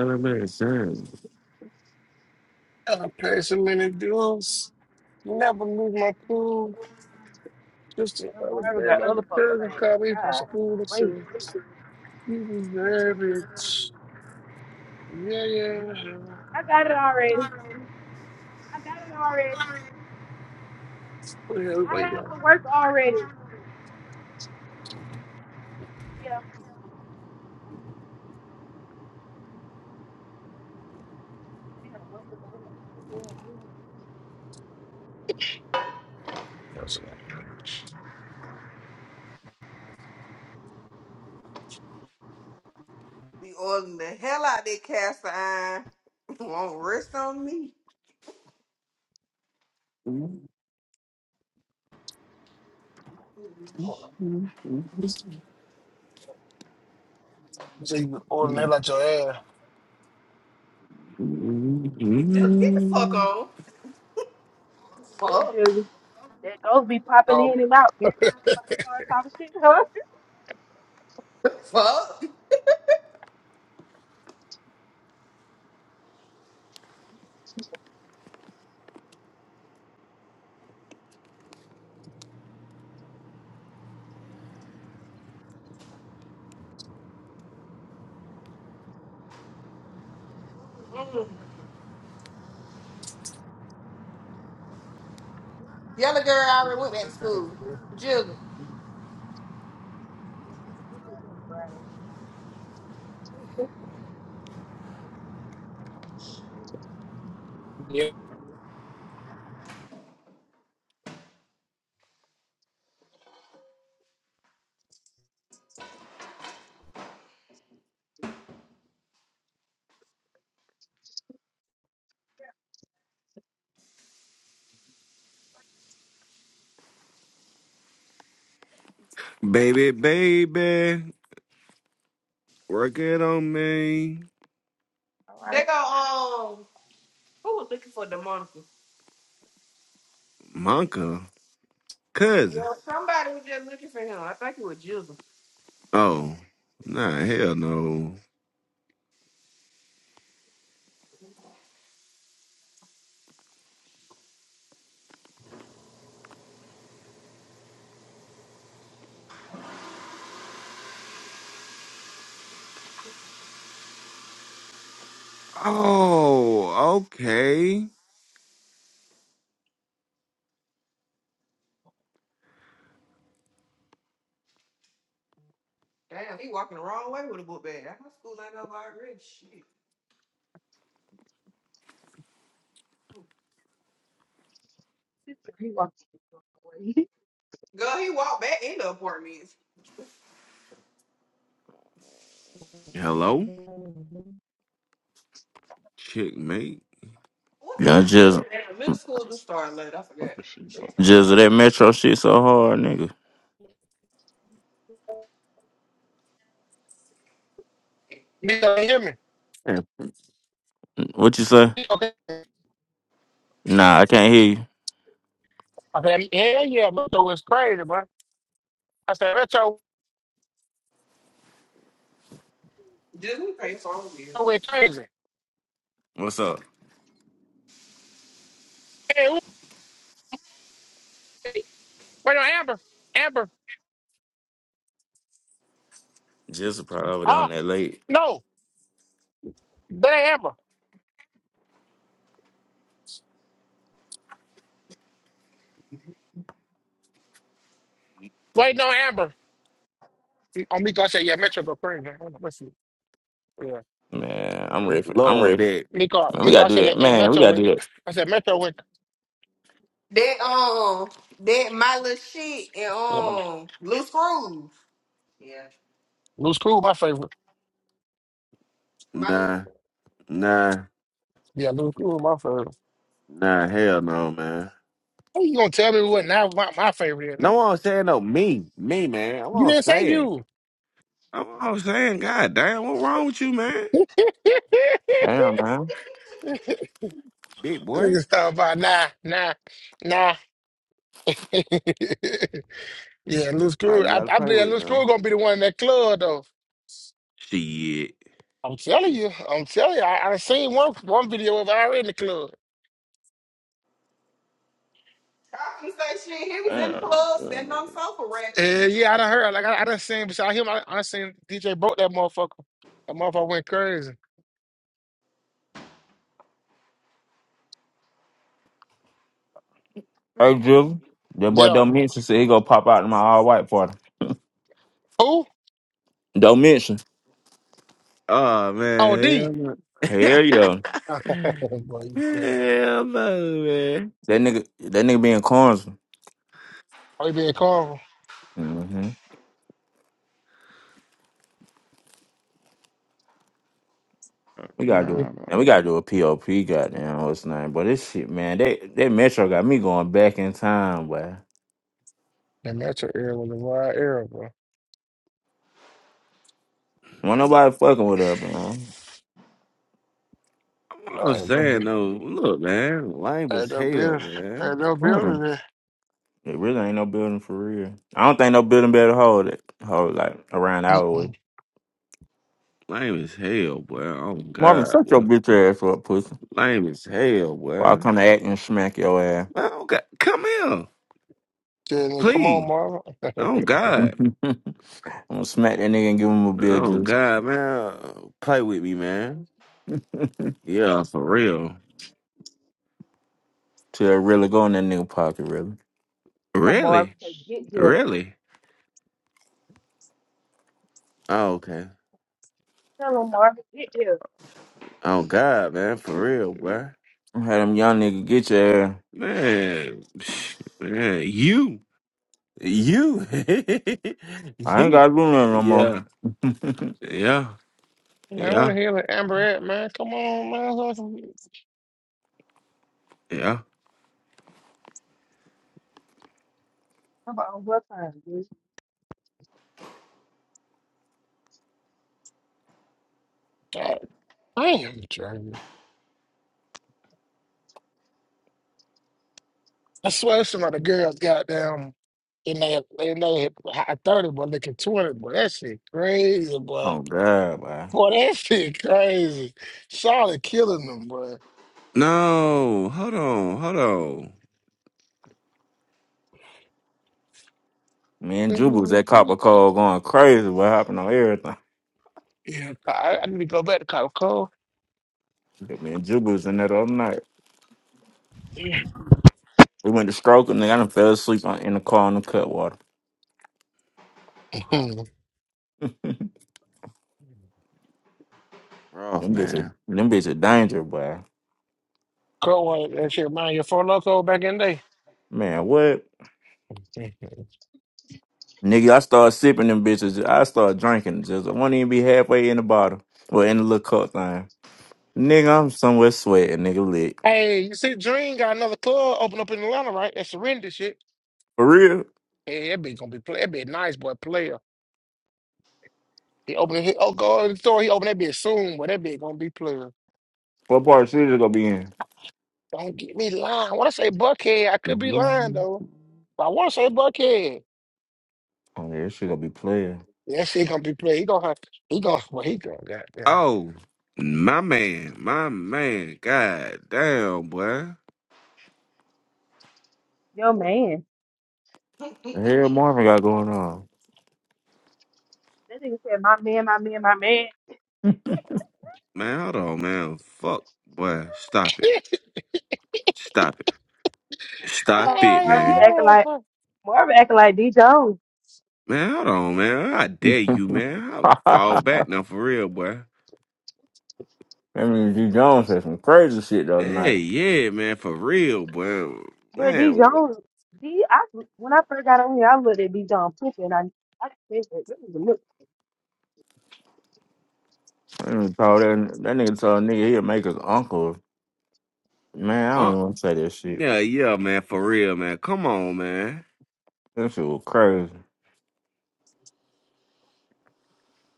[SPEAKER 1] a better saying.
[SPEAKER 7] I paid so many dues. Never lose my cool. Just the
[SPEAKER 5] Them
[SPEAKER 7] other
[SPEAKER 5] Marvin
[SPEAKER 7] day,
[SPEAKER 5] got
[SPEAKER 7] my
[SPEAKER 5] other folks
[SPEAKER 7] cousin
[SPEAKER 5] saying,
[SPEAKER 7] called me from
[SPEAKER 5] God, wait,
[SPEAKER 7] school. You deserve it. Yeah, yeah. yeah.
[SPEAKER 5] I got it already. I got it already.
[SPEAKER 7] What the hell we
[SPEAKER 5] I
[SPEAKER 7] waiting
[SPEAKER 5] have the work already. Yeah. Damn, motherfucker. what the fuck going on?
[SPEAKER 7] That's okay.
[SPEAKER 3] Be oiling the hell out that cast iron. Won't rest on me. Ooh,
[SPEAKER 7] Hold on.
[SPEAKER 3] shit.
[SPEAKER 7] This even ordering the hell your ass.
[SPEAKER 3] Just get the fuck
[SPEAKER 1] Mhm.
[SPEAKER 3] on.
[SPEAKER 5] Look,
[SPEAKER 3] Fuck.
[SPEAKER 5] Jizzy, that those be popping
[SPEAKER 7] Um,
[SPEAKER 5] in and out. Next time somebody start talking shit to her,
[SPEAKER 3] Fuck. Mm. Yellow girl already went back to school. Jigga.
[SPEAKER 5] this is this is your Friday.
[SPEAKER 7] yeah.
[SPEAKER 1] Baby, baby, work it on me.
[SPEAKER 5] All
[SPEAKER 3] They
[SPEAKER 5] right.
[SPEAKER 3] go, um, who was looking for Demonica?
[SPEAKER 1] Monka, cousin.
[SPEAKER 3] Well, somebody was just looking for him. I think it was Jizzle.
[SPEAKER 1] Oh, nah, hell no. Oh, okay.
[SPEAKER 3] Damn, he walking the wrong way with a book bag. That's my school ain't over already. Shit.
[SPEAKER 5] This is you want to get away.
[SPEAKER 3] Girl, he walked back in the apartments.
[SPEAKER 1] Hello, chickmate.
[SPEAKER 3] What
[SPEAKER 11] Yeah,
[SPEAKER 3] time? I mean,
[SPEAKER 11] Jizzle.
[SPEAKER 3] damn, middle school do start late. I forgot.
[SPEAKER 2] is she
[SPEAKER 3] Shit,
[SPEAKER 2] doing?
[SPEAKER 3] start late.
[SPEAKER 11] Jizzle, that metro shit so hard, nigga.
[SPEAKER 7] You don't hear me?
[SPEAKER 1] Yeah,
[SPEAKER 11] What you say?
[SPEAKER 7] Okay.
[SPEAKER 11] Nah, I can't hear you.
[SPEAKER 7] I said, hell yeah, Metro was crazy, bro. I said, Metro
[SPEAKER 3] Disney pay song here.
[SPEAKER 7] went crazy.
[SPEAKER 11] What's up?
[SPEAKER 7] Hey, who- wait no, Amber. Amber.
[SPEAKER 11] Just probably over there on
[SPEAKER 7] Huh?
[SPEAKER 11] that late.
[SPEAKER 7] No, that ain't Amber. Wait, no, Amber. Oh, Miko, I said, yeah, Metro go crazy. Hold on, let's see. Yeah.
[SPEAKER 11] Man, I'm ready for I'm
[SPEAKER 1] Lord,
[SPEAKER 11] ready.
[SPEAKER 1] that.
[SPEAKER 7] Miko,
[SPEAKER 11] Man, we
[SPEAKER 7] Miko,
[SPEAKER 11] gotta
[SPEAKER 7] I
[SPEAKER 11] do
[SPEAKER 7] said,
[SPEAKER 11] that.
[SPEAKER 7] that eh,
[SPEAKER 11] Man, we
[SPEAKER 7] Metro
[SPEAKER 11] gotta do
[SPEAKER 7] went.
[SPEAKER 11] that.
[SPEAKER 7] I said, Metro went.
[SPEAKER 3] That um, that my little shit and um, loose screws. Yeah.
[SPEAKER 7] Lose Crew, my favorite.
[SPEAKER 3] My Little-
[SPEAKER 1] Nah, nah,
[SPEAKER 7] Yeah, Luke, who was my favorite?
[SPEAKER 1] nah, hell no, man.
[SPEAKER 7] How you gonna tell me what now my, my favorite is, nigga?
[SPEAKER 1] No I'm saying no me, me, man. I'm
[SPEAKER 7] You
[SPEAKER 1] all
[SPEAKER 7] didn't say
[SPEAKER 1] saying.
[SPEAKER 7] you.
[SPEAKER 1] I'm all saying, God damn, what wrong with you, man?
[SPEAKER 11] Damn, man.
[SPEAKER 1] Big boy.
[SPEAKER 7] Niggas talking about nah, nah, nah. yeah, Luke
[SPEAKER 1] I you
[SPEAKER 7] Crew.
[SPEAKER 1] know
[SPEAKER 7] I,
[SPEAKER 1] how to
[SPEAKER 7] I
[SPEAKER 1] play
[SPEAKER 7] believe that
[SPEAKER 1] with
[SPEAKER 7] Luke
[SPEAKER 1] now.
[SPEAKER 7] Crew gonna be the one in that club though.
[SPEAKER 1] Shit.
[SPEAKER 7] I'm telling you, I'm telling you. I, I seen one one video of her in the club.
[SPEAKER 3] I say shit. He was in the
[SPEAKER 2] Damn,
[SPEAKER 3] club
[SPEAKER 2] damn,
[SPEAKER 3] standing on the sofa
[SPEAKER 7] Yeah, yeah, I done heard. Like I, I done seen beside him. I, I done seen DJ broke that motherfucker. That motherfucker went crazy.
[SPEAKER 11] Hey Drizzle. That boy
[SPEAKER 7] Yeah.
[SPEAKER 11] don't mention said he gonna pop out in my all white party.
[SPEAKER 7] Who?
[SPEAKER 11] Don't mention.
[SPEAKER 1] Oh
[SPEAKER 7] Oh,
[SPEAKER 1] man,
[SPEAKER 7] D.
[SPEAKER 1] hell
[SPEAKER 11] Hell yeah.
[SPEAKER 1] no,
[SPEAKER 7] Boy, you crazy.
[SPEAKER 1] hell no, man.
[SPEAKER 11] That nigga that nigga being corns.
[SPEAKER 7] Oh, he being calm.
[SPEAKER 11] Mm-hmm. We
[SPEAKER 2] come
[SPEAKER 11] gotta do it.
[SPEAKER 2] on,
[SPEAKER 11] And we gotta do a POP, goddamn, what's his name. But this shit, man, that that metro got me going back in time, boy.
[SPEAKER 7] That metro area was a wild area, bro.
[SPEAKER 11] Won't nobody fucking with us, man.
[SPEAKER 7] No,
[SPEAKER 1] I'm
[SPEAKER 7] ain't no, bu-
[SPEAKER 1] saying though, look, man, lame as
[SPEAKER 7] ain't no,
[SPEAKER 1] hell,
[SPEAKER 7] build,
[SPEAKER 1] man.
[SPEAKER 7] ain't no
[SPEAKER 11] Mm.
[SPEAKER 7] building there.
[SPEAKER 11] It really ain't no building for real. I don't think no building better hold it. Hold like around our way.
[SPEAKER 7] Mm-mm.
[SPEAKER 1] Lame as hell, boy. Oh
[SPEAKER 11] Marvin, shut
[SPEAKER 1] God,
[SPEAKER 11] your bitch ass up, pussy.
[SPEAKER 1] lame as hell,
[SPEAKER 11] Or I'll
[SPEAKER 1] boy.
[SPEAKER 11] come to act and smack your ass.
[SPEAKER 1] Oh God, come here,
[SPEAKER 7] Then come on,
[SPEAKER 1] please.
[SPEAKER 7] Marvin.
[SPEAKER 1] Oh
[SPEAKER 11] I'm
[SPEAKER 1] God,
[SPEAKER 11] gonna smack that nigga and give him a bill
[SPEAKER 1] oh
[SPEAKER 11] juice
[SPEAKER 1] God, man, play with me, man. Yeah, for real.
[SPEAKER 11] till it really go in that nigga pocket, really.
[SPEAKER 5] Tell him, Marvin,
[SPEAKER 1] Really,
[SPEAKER 5] say, get here.
[SPEAKER 1] really. Oh, okay.
[SPEAKER 5] Tell him, Marvin, get here.
[SPEAKER 1] Oh God, man, for
[SPEAKER 2] man.
[SPEAKER 1] real, boy.
[SPEAKER 11] I'm had them young nigga get your ass.
[SPEAKER 1] Man, man, you. You.
[SPEAKER 11] I ain't gotta do nothing no more.
[SPEAKER 1] yeah. Yeah.
[SPEAKER 7] man, what
[SPEAKER 1] Yeah.
[SPEAKER 7] the hell is Amber at, man? Come on, man. It's like some-
[SPEAKER 1] Yeah.
[SPEAKER 5] Come on, what time, bitch?
[SPEAKER 7] God damn, Jeremy. I swear some of the girls got down in their, in their high 30, but looking 20, but that shit crazy, boy.
[SPEAKER 11] oh god, boy.
[SPEAKER 7] Boy, that shit crazy. Charlotte killing them, boy.
[SPEAKER 1] No. Hold on. Hold on.
[SPEAKER 11] Me and Juba was
[SPEAKER 7] Mhm.
[SPEAKER 11] at Copper Cole going crazy. What happened on everything?
[SPEAKER 7] Yeah, I, I need to go back to Cabo
[SPEAKER 11] Yeah, Me and Juba was in that other night.
[SPEAKER 7] Cove.
[SPEAKER 11] We went to stroke and nigga, I done fell asleep on- in the car on the cutwater.
[SPEAKER 1] Roth,
[SPEAKER 11] Them bitches,
[SPEAKER 1] man.
[SPEAKER 11] them bitches danger, boy.
[SPEAKER 7] Club was that shit remind you of Four Loco back in the day.
[SPEAKER 11] Man, what?
[SPEAKER 7] Mhm.
[SPEAKER 11] Nigga, I start sipping them bitches. I start drinking. Just I won't even be halfway in the bottle. Or in the little cup thing. Nigga, I'm somewhere sweating, nigga lit.
[SPEAKER 7] hey, you see, Dream got another club open up in Atlanta, right? That surrender shit.
[SPEAKER 11] For real?
[SPEAKER 7] Hey, that bitch gonna be play. That bitch nice boy player. He opening his oh go in the store. He open that bitch soon, but that bitch gonna be player.
[SPEAKER 11] What part of the city is gonna be in?
[SPEAKER 7] Don't get me lying. When I say Buckhead, I could be lying
[SPEAKER 1] Mhm.
[SPEAKER 7] though. But I want to say Buckhead.
[SPEAKER 11] Oh yeah, she gonna be playing.
[SPEAKER 7] Yeah, that shit gonna be player. He gonna have- he gonna well he gonna goddamn.
[SPEAKER 1] Oh, my man. My man. God damn, boy.
[SPEAKER 5] Your man.
[SPEAKER 11] The hell
[SPEAKER 3] rapping.
[SPEAKER 11] Marvin got going on.
[SPEAKER 5] That nigga said, "My man, my man, my man."
[SPEAKER 1] Man, hold on, man. Fuck, boy. Stop it. Stop it.
[SPEAKER 5] Hold
[SPEAKER 1] Stop
[SPEAKER 5] on,
[SPEAKER 1] it,
[SPEAKER 5] Marv, you
[SPEAKER 1] man.
[SPEAKER 5] acting like Marv acting like D Jones,
[SPEAKER 1] Man, hold on, man. I dare you, man. I'll fall back now for real, boy.
[SPEAKER 11] I mean G Jones said some crazy shit the other night.
[SPEAKER 1] Hey, yeah, man. For real, boy.
[SPEAKER 5] but D
[SPEAKER 1] Man, what?
[SPEAKER 5] Jones, D. I when I first got on here, I looked at D Jones picture and I I said, "This is look
[SPEAKER 11] I mean, told that, that nigga told a nigga he'd make his uncle. Man, I don't
[SPEAKER 1] Uh-uh.
[SPEAKER 11] even wanna say that shit.
[SPEAKER 1] Yeah, yeah, man, for real, man. Come on, man.
[SPEAKER 11] That shit was crazy.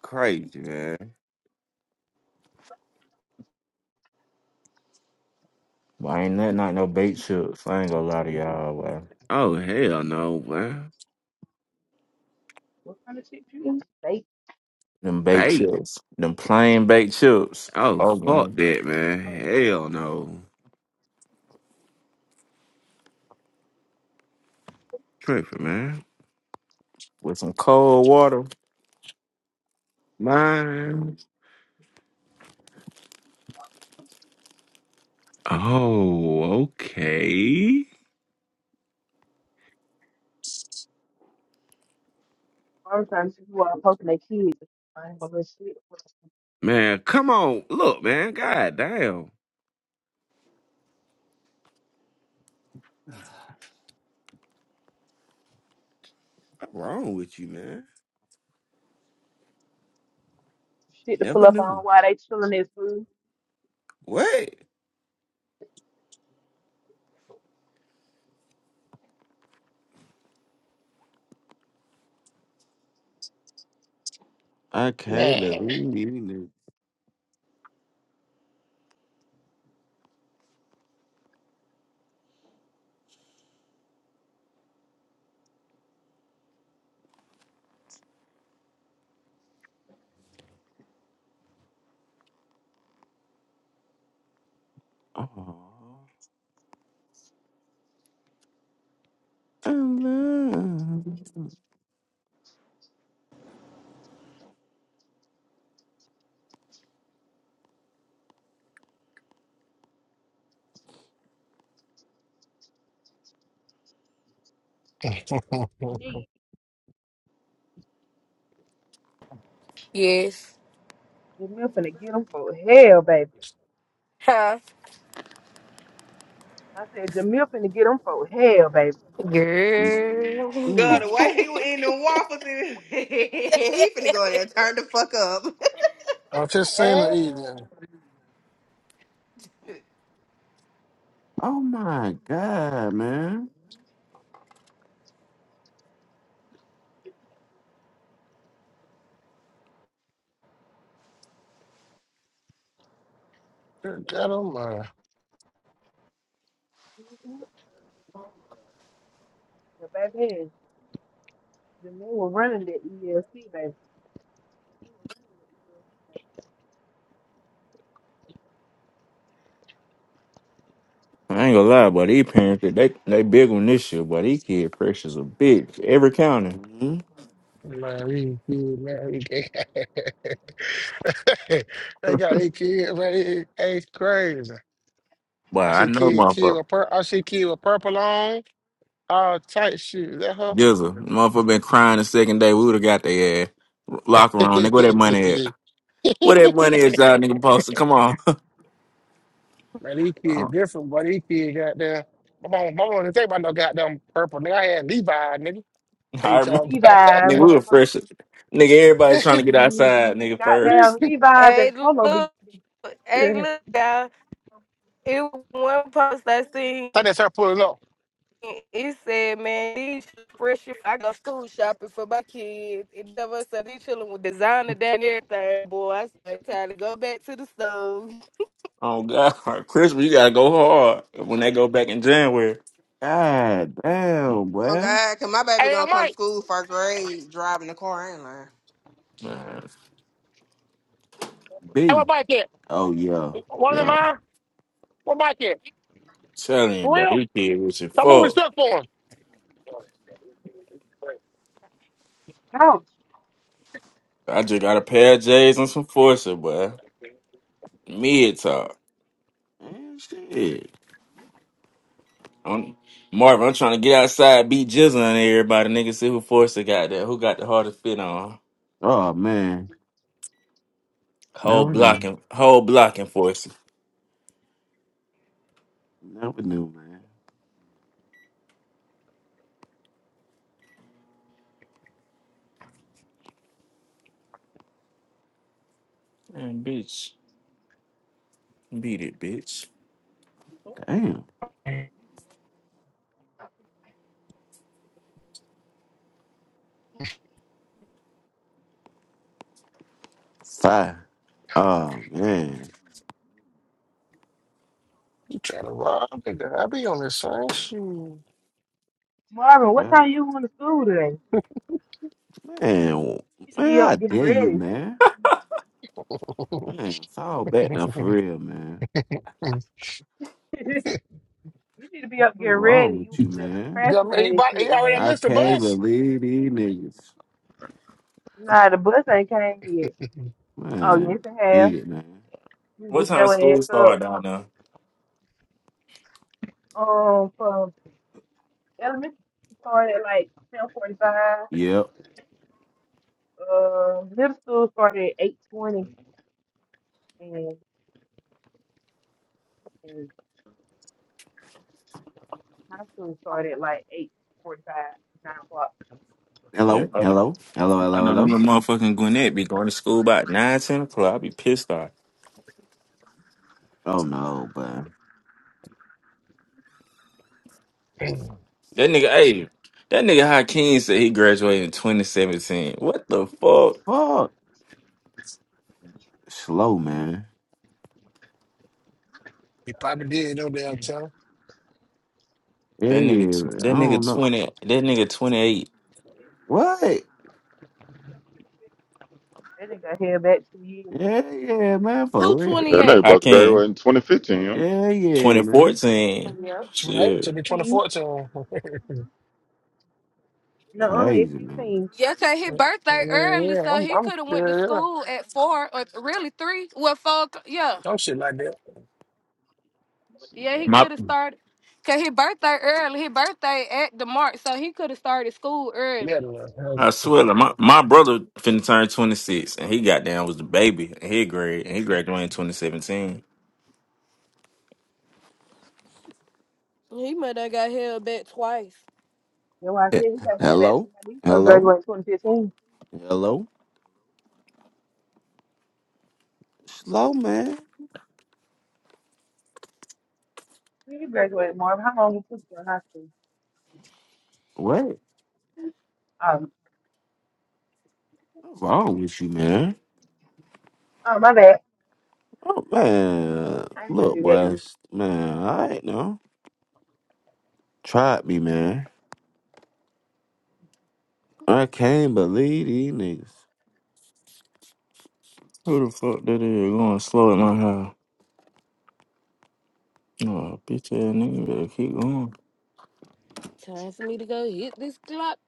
[SPEAKER 1] Crazy, man.
[SPEAKER 11] Why ain't that not no bait chips? I ain't gonna lie to y'all. Why
[SPEAKER 1] Oh hell no, man.
[SPEAKER 5] what kind of shit you in fake."
[SPEAKER 11] them bait
[SPEAKER 1] Bait.
[SPEAKER 11] chips, them plain bait chips.
[SPEAKER 1] Oh
[SPEAKER 11] Oh
[SPEAKER 1] fuck
[SPEAKER 11] man,
[SPEAKER 1] that, man.
[SPEAKER 5] Oh no,
[SPEAKER 1] Hell no. Tripping, man.
[SPEAKER 11] with some cold water.
[SPEAKER 1] Man. Oh, okay.
[SPEAKER 5] I'm trying to see who are posting their kids. I ain't gonna let shit
[SPEAKER 1] Man, come on. Look, man. God damn. What's wrong with you, man?
[SPEAKER 5] shit to pull
[SPEAKER 1] Never
[SPEAKER 5] up
[SPEAKER 1] knew.
[SPEAKER 5] on while they chilling their food.
[SPEAKER 1] What? I can't
[SPEAKER 7] Man.
[SPEAKER 1] believe it. Oh, I love.
[SPEAKER 5] Me,
[SPEAKER 10] yes,
[SPEAKER 5] Jamil finna get them for hell, baby.
[SPEAKER 10] huh,
[SPEAKER 5] I said, Jamil finna get them for hell, baby.
[SPEAKER 10] girl.
[SPEAKER 3] girl, the way he was in the waffles, and he finna go in there and turn the fuck up.
[SPEAKER 7] I'm just saying
[SPEAKER 10] hey,
[SPEAKER 7] the evening.
[SPEAKER 1] Oh my god, man.
[SPEAKER 7] Good God almighty.
[SPEAKER 5] Mhm. Yeah, baby, yeah. Jamil was running that ELC, baby.
[SPEAKER 11] I ain't gonna lie, but these parents they they they big on this shit. But these kid pressures a bitch every county.
[SPEAKER 1] Mhm.
[SPEAKER 7] Man, we, we, man, we gay. They got these kids, man. It, it's crazy.
[SPEAKER 11] But
[SPEAKER 7] I
[SPEAKER 11] I
[SPEAKER 7] see
[SPEAKER 11] know
[SPEAKER 7] kid, kid
[SPEAKER 11] motherfucker.
[SPEAKER 7] with pur- I see kid with purple on, all tight shoes. Is that her?
[SPEAKER 11] Jizzle, motherfucker been crying the second day. We would have got their ass locker room. Nigga, where that money at? Where that money at? Y'all nigga posted. Come on.
[SPEAKER 7] man, these
[SPEAKER 11] Uh,
[SPEAKER 7] kids different, but these kids got there. My mama, my mama didn't think about no goddamn purple. Nigga, I had Levi, nigga. They
[SPEAKER 11] I
[SPEAKER 7] you
[SPEAKER 11] remember,
[SPEAKER 7] talking
[SPEAKER 5] Levi,
[SPEAKER 7] about?
[SPEAKER 11] nigga, we were
[SPEAKER 5] motherfuckers.
[SPEAKER 11] fresh. Nigga, everybody trying to get
[SPEAKER 7] I
[SPEAKER 11] outside. Nigga first.
[SPEAKER 5] Goddamn Levi's
[SPEAKER 10] hey,
[SPEAKER 5] and Polo be
[SPEAKER 10] look, hey, look, y'all. It was one post I seen.
[SPEAKER 7] just started pulling up.
[SPEAKER 10] He said, man, these fresh. if I go school shopping for my kids. And never said these children with designer that and everything. Boy, I said, time to go back to the store.
[SPEAKER 11] Oh God, Christmas, you gotta go hard when they go back in January.
[SPEAKER 1] God damn,
[SPEAKER 3] Oh
[SPEAKER 1] boy.
[SPEAKER 3] God, cause my baby
[SPEAKER 7] Hey, yo,
[SPEAKER 3] gonna come to
[SPEAKER 7] Mike,
[SPEAKER 3] school first grade driving the car. I ain't lying.
[SPEAKER 11] Man, I'm
[SPEAKER 7] hey, what
[SPEAKER 1] B.
[SPEAKER 7] bike at?
[SPEAKER 1] Oh yeah,
[SPEAKER 7] One of them,
[SPEAKER 1] yeah.
[SPEAKER 7] mine? What Mike at?
[SPEAKER 11] telling you,
[SPEAKER 7] For
[SPEAKER 11] but
[SPEAKER 7] real?
[SPEAKER 11] you kid was your
[SPEAKER 7] Stop moving
[SPEAKER 11] fuck.
[SPEAKER 7] stuff for him.
[SPEAKER 5] out.
[SPEAKER 11] I just got a pair of J's and some Forza, boy. Mid talk.
[SPEAKER 1] And shit.
[SPEAKER 11] I'm Marvin, I'm trying to get outside, beat Jizzle on everybody, nigga. See who Forza got there. Who got the hardest fit on?
[SPEAKER 1] Oh man.
[SPEAKER 11] Whole
[SPEAKER 1] Never knew.
[SPEAKER 11] blocking, whole blocking Forza.
[SPEAKER 1] Never knew, man. Damn. Fire. Oh man.
[SPEAKER 7] You trying to rob? nigga. I be on this same shoe.
[SPEAKER 1] Oh,
[SPEAKER 5] Marvin, what
[SPEAKER 1] God.
[SPEAKER 5] time you going to school today?
[SPEAKER 1] Man, man,
[SPEAKER 5] You need to be
[SPEAKER 1] how
[SPEAKER 5] up getting
[SPEAKER 1] dare you,
[SPEAKER 5] ready.
[SPEAKER 1] man? Man, fall back now for real, man.
[SPEAKER 5] you need to be up getting
[SPEAKER 1] What's
[SPEAKER 5] ready.
[SPEAKER 1] wrong
[SPEAKER 5] You
[SPEAKER 1] with you,
[SPEAKER 5] over there
[SPEAKER 1] man?
[SPEAKER 7] yeah, man, he,
[SPEAKER 5] procrastinating and
[SPEAKER 7] bought, he
[SPEAKER 5] shit, man.
[SPEAKER 7] already
[SPEAKER 1] I
[SPEAKER 7] missed the
[SPEAKER 1] can't
[SPEAKER 7] bus.
[SPEAKER 1] believe these niggas.
[SPEAKER 5] Nah, the bus ain't came yet. Oh,
[SPEAKER 1] Man,
[SPEAKER 5] yes it
[SPEAKER 1] beat
[SPEAKER 5] has.
[SPEAKER 1] it, man.
[SPEAKER 5] You
[SPEAKER 11] What
[SPEAKER 5] get
[SPEAKER 11] time
[SPEAKER 5] your ass
[SPEAKER 11] school start
[SPEAKER 5] up.
[SPEAKER 11] down there?
[SPEAKER 5] Um, from elementary school started at like ten forty five.
[SPEAKER 1] Yep.
[SPEAKER 5] Uh, middle school started at eight twenty, and, and high school started at like eight forty five, nine o'clock.
[SPEAKER 11] Yeah,
[SPEAKER 1] Hello,
[SPEAKER 11] I
[SPEAKER 1] hello, hello,
[SPEAKER 11] I
[SPEAKER 1] hello,
[SPEAKER 11] know them
[SPEAKER 1] hello.
[SPEAKER 11] little motherfucking Gwinnett be going to school about nine, ten o'clock. I be pissed off.
[SPEAKER 1] Oh no, but
[SPEAKER 11] That nigga, hey, that nigga Hakeem said he graduated in 2017. What the fuck?
[SPEAKER 1] fuck, slow man.
[SPEAKER 7] he probably did, no damn tell.
[SPEAKER 1] Yeah,
[SPEAKER 11] That nigga,
[SPEAKER 1] yeah.
[SPEAKER 11] that
[SPEAKER 1] I don't
[SPEAKER 11] nigga
[SPEAKER 1] know
[SPEAKER 11] 20, that nigga 28.
[SPEAKER 1] what.
[SPEAKER 5] That nigga got held back two years.
[SPEAKER 1] Yeah, yeah, man,
[SPEAKER 10] Who
[SPEAKER 1] for real.
[SPEAKER 2] yeah, they
[SPEAKER 10] 28?
[SPEAKER 2] about to
[SPEAKER 11] Hakeem,
[SPEAKER 2] graduate in 2015, you
[SPEAKER 1] Yeah, yeah, man.
[SPEAKER 11] 2014.
[SPEAKER 10] Yeah.
[SPEAKER 7] 28 to
[SPEAKER 11] Shit.
[SPEAKER 7] be
[SPEAKER 5] 15?
[SPEAKER 7] 24 to him.
[SPEAKER 5] No, it's
[SPEAKER 1] Crazy man.
[SPEAKER 5] 15.
[SPEAKER 10] Yesterday his birthday
[SPEAKER 7] Yeah,
[SPEAKER 10] early,
[SPEAKER 7] yeah,
[SPEAKER 10] so
[SPEAKER 7] I'm,
[SPEAKER 10] he
[SPEAKER 7] I'm,
[SPEAKER 10] could have went to
[SPEAKER 7] yeah, yeah.
[SPEAKER 10] school at four or really three. Well, four. o'clock- Yeah,
[SPEAKER 7] I'm shit like that.
[SPEAKER 10] yeah, he
[SPEAKER 2] know.
[SPEAKER 11] My,
[SPEAKER 10] could have started. Cause his birthday early. His birthday at the mark, so he could have started school
[SPEAKER 7] Yeah,
[SPEAKER 10] early.
[SPEAKER 7] the-
[SPEAKER 11] I swear, to my, my brother finna turn 26, and he got down was the baby, and he grade, and he graduated in 2017.
[SPEAKER 10] He might have got held back twice.
[SPEAKER 5] That's why I
[SPEAKER 1] Eh,
[SPEAKER 5] said he got held back two
[SPEAKER 1] Hello,
[SPEAKER 5] years. He supposed to
[SPEAKER 1] hello,
[SPEAKER 5] graduate in 2015.
[SPEAKER 1] hello. Slow man.
[SPEAKER 5] You graduated Marvin. How long you took you in high school?
[SPEAKER 1] What?
[SPEAKER 5] Um,
[SPEAKER 1] wrong with you, man?
[SPEAKER 5] oh, my bad.
[SPEAKER 1] Oh man,
[SPEAKER 5] I didn't mean to
[SPEAKER 1] look,
[SPEAKER 5] do that.
[SPEAKER 1] boys, man. I ain't know. Tried me, man. I can't believe these niggas.
[SPEAKER 11] Who the fuck that is going slow at my house? Oh, bitch ass nigga better keep going.
[SPEAKER 10] Time for me to go hit this clock.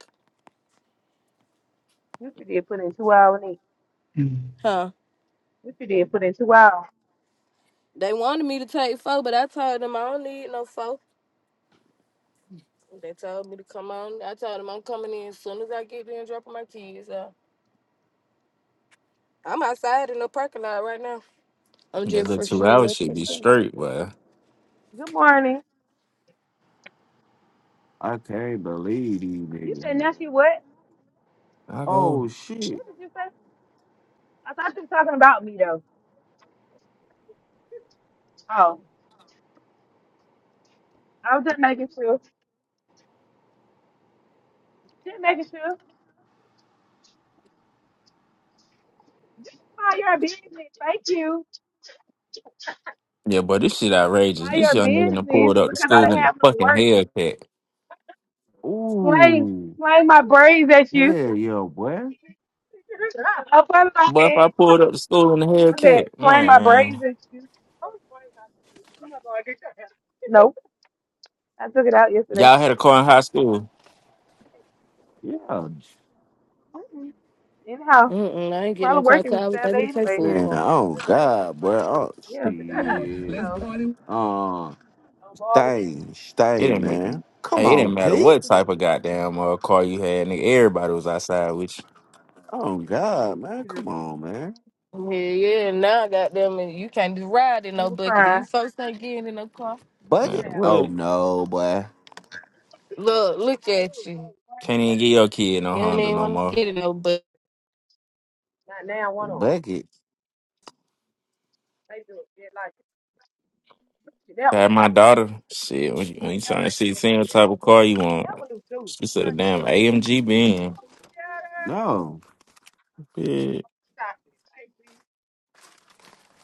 [SPEAKER 5] Missy did put in two hours. in it.
[SPEAKER 10] Huh.
[SPEAKER 5] Missy did put in two hours.
[SPEAKER 10] They wanted me to take four, but I told them I don't need no four. They told me to come on. I told them I'm coming in as soon as I get there and dropping my kids off. I'm outside in the parking lot right now. I'm
[SPEAKER 11] That
[SPEAKER 10] just
[SPEAKER 11] little two
[SPEAKER 10] freshening
[SPEAKER 11] hours
[SPEAKER 10] up
[SPEAKER 11] should
[SPEAKER 10] and
[SPEAKER 11] be
[SPEAKER 10] stuff.
[SPEAKER 11] straight, but
[SPEAKER 5] Good morning.
[SPEAKER 1] I can't believe these
[SPEAKER 5] You
[SPEAKER 1] niggas,
[SPEAKER 5] said now
[SPEAKER 1] man.
[SPEAKER 5] she what?
[SPEAKER 11] I go.
[SPEAKER 1] Oh shit.
[SPEAKER 5] What did you say? I thought you were talking about me, though. Oh, I was just making sure. Just making sure. Mind your business. Thank you.
[SPEAKER 11] Yeah, boy, this shit outrageous.
[SPEAKER 5] Mind
[SPEAKER 11] This
[SPEAKER 5] your
[SPEAKER 11] young nigga done
[SPEAKER 5] business
[SPEAKER 11] pulled up to
[SPEAKER 5] because I
[SPEAKER 11] school
[SPEAKER 5] didn't
[SPEAKER 11] in the
[SPEAKER 5] have no
[SPEAKER 11] fucking
[SPEAKER 5] work.
[SPEAKER 11] Hellcat.
[SPEAKER 5] Blame,
[SPEAKER 1] Ooh.
[SPEAKER 5] blame my braids at you.
[SPEAKER 1] Hell yeah, boy.
[SPEAKER 5] Up on my
[SPEAKER 11] But if
[SPEAKER 5] head.
[SPEAKER 11] I pulled up to school in the
[SPEAKER 5] I'm just
[SPEAKER 11] Hellcat,
[SPEAKER 5] playing my braids
[SPEAKER 11] man,
[SPEAKER 5] and shit. Nope. I took it out yesterday.
[SPEAKER 11] y'all had a car in high school.
[SPEAKER 1] Yeah.
[SPEAKER 5] Mm-mm. Anyhow,
[SPEAKER 10] Mm-mm, I ain't getting no
[SPEAKER 5] probably
[SPEAKER 10] car till
[SPEAKER 5] working
[SPEAKER 10] I was able
[SPEAKER 5] Saturday
[SPEAKER 10] to pay
[SPEAKER 5] anyway
[SPEAKER 10] for a
[SPEAKER 5] here.
[SPEAKER 1] Man.
[SPEAKER 10] car.
[SPEAKER 1] Oh God, boy. Oh
[SPEAKER 5] Yeah.
[SPEAKER 14] anymore. Let's
[SPEAKER 1] shit.
[SPEAKER 5] So.
[SPEAKER 14] party
[SPEAKER 1] Uh stay,
[SPEAKER 5] I'm
[SPEAKER 11] It
[SPEAKER 1] stay,
[SPEAKER 11] didn't. make-
[SPEAKER 1] man. Come
[SPEAKER 11] Hey, it
[SPEAKER 1] on,
[SPEAKER 11] didn't
[SPEAKER 5] gonna
[SPEAKER 11] matter
[SPEAKER 5] get
[SPEAKER 1] Pete.
[SPEAKER 11] what
[SPEAKER 5] to
[SPEAKER 11] type
[SPEAKER 5] you.
[SPEAKER 11] of goddamn uh, car you had, nigga. Everybody was outside with
[SPEAKER 1] Oh God, man. Come on, man.
[SPEAKER 10] Yeah, yeah, and now goddamn it, you can't just ride in
[SPEAKER 5] She
[SPEAKER 10] no
[SPEAKER 5] was
[SPEAKER 10] bucket.
[SPEAKER 5] fine.
[SPEAKER 10] These folks ain't getting in no car.
[SPEAKER 11] you. Man,
[SPEAKER 1] Bucket? Oh
[SPEAKER 11] what?
[SPEAKER 1] no, boy.
[SPEAKER 10] Look, look at you.
[SPEAKER 11] Can't even get your kid no
[SPEAKER 10] You don't
[SPEAKER 11] Honda
[SPEAKER 10] even
[SPEAKER 11] no
[SPEAKER 10] want to
[SPEAKER 11] more.
[SPEAKER 10] get in no bucket.
[SPEAKER 1] Bucket.
[SPEAKER 11] I had my daughter. Shit, when you, when you trying to see seeing what type of car you
[SPEAKER 5] That
[SPEAKER 11] want,
[SPEAKER 5] one of those
[SPEAKER 11] she said a
[SPEAKER 5] turkey.
[SPEAKER 11] damn AMG Benz.
[SPEAKER 1] No.
[SPEAKER 11] Bitch,
[SPEAKER 5] Stop it. Hey,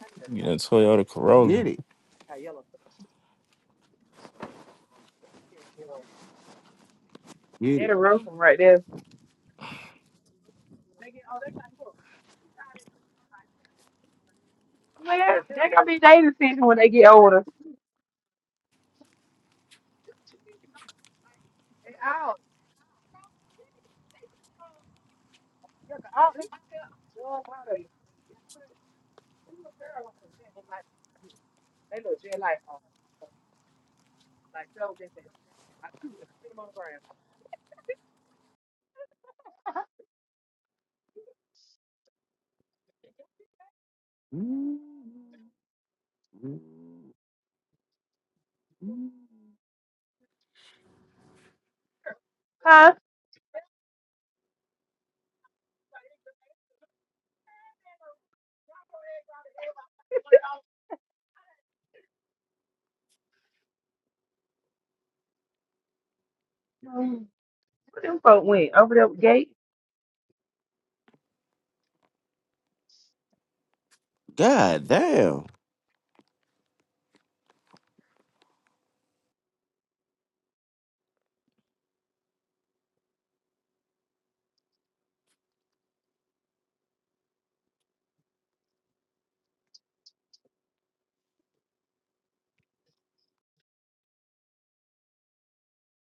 [SPEAKER 5] I need a
[SPEAKER 11] you
[SPEAKER 5] stop.
[SPEAKER 11] know Toyota Corolla.
[SPEAKER 1] Get it.
[SPEAKER 5] I yellow Yeah, you know.
[SPEAKER 1] Get
[SPEAKER 5] They're
[SPEAKER 1] it.
[SPEAKER 5] the room from right there. They get, oh, they got look. Well, they gonna be their decision when they get older. They out. Look, all they still- Lord, how it- they look like they look just like uh, like so they said, I shoot and sit them on the ground.
[SPEAKER 1] Mm-hmm. Mm-hmm.
[SPEAKER 5] Huh? Mm. Where Them folk went over there gate?
[SPEAKER 1] God damn.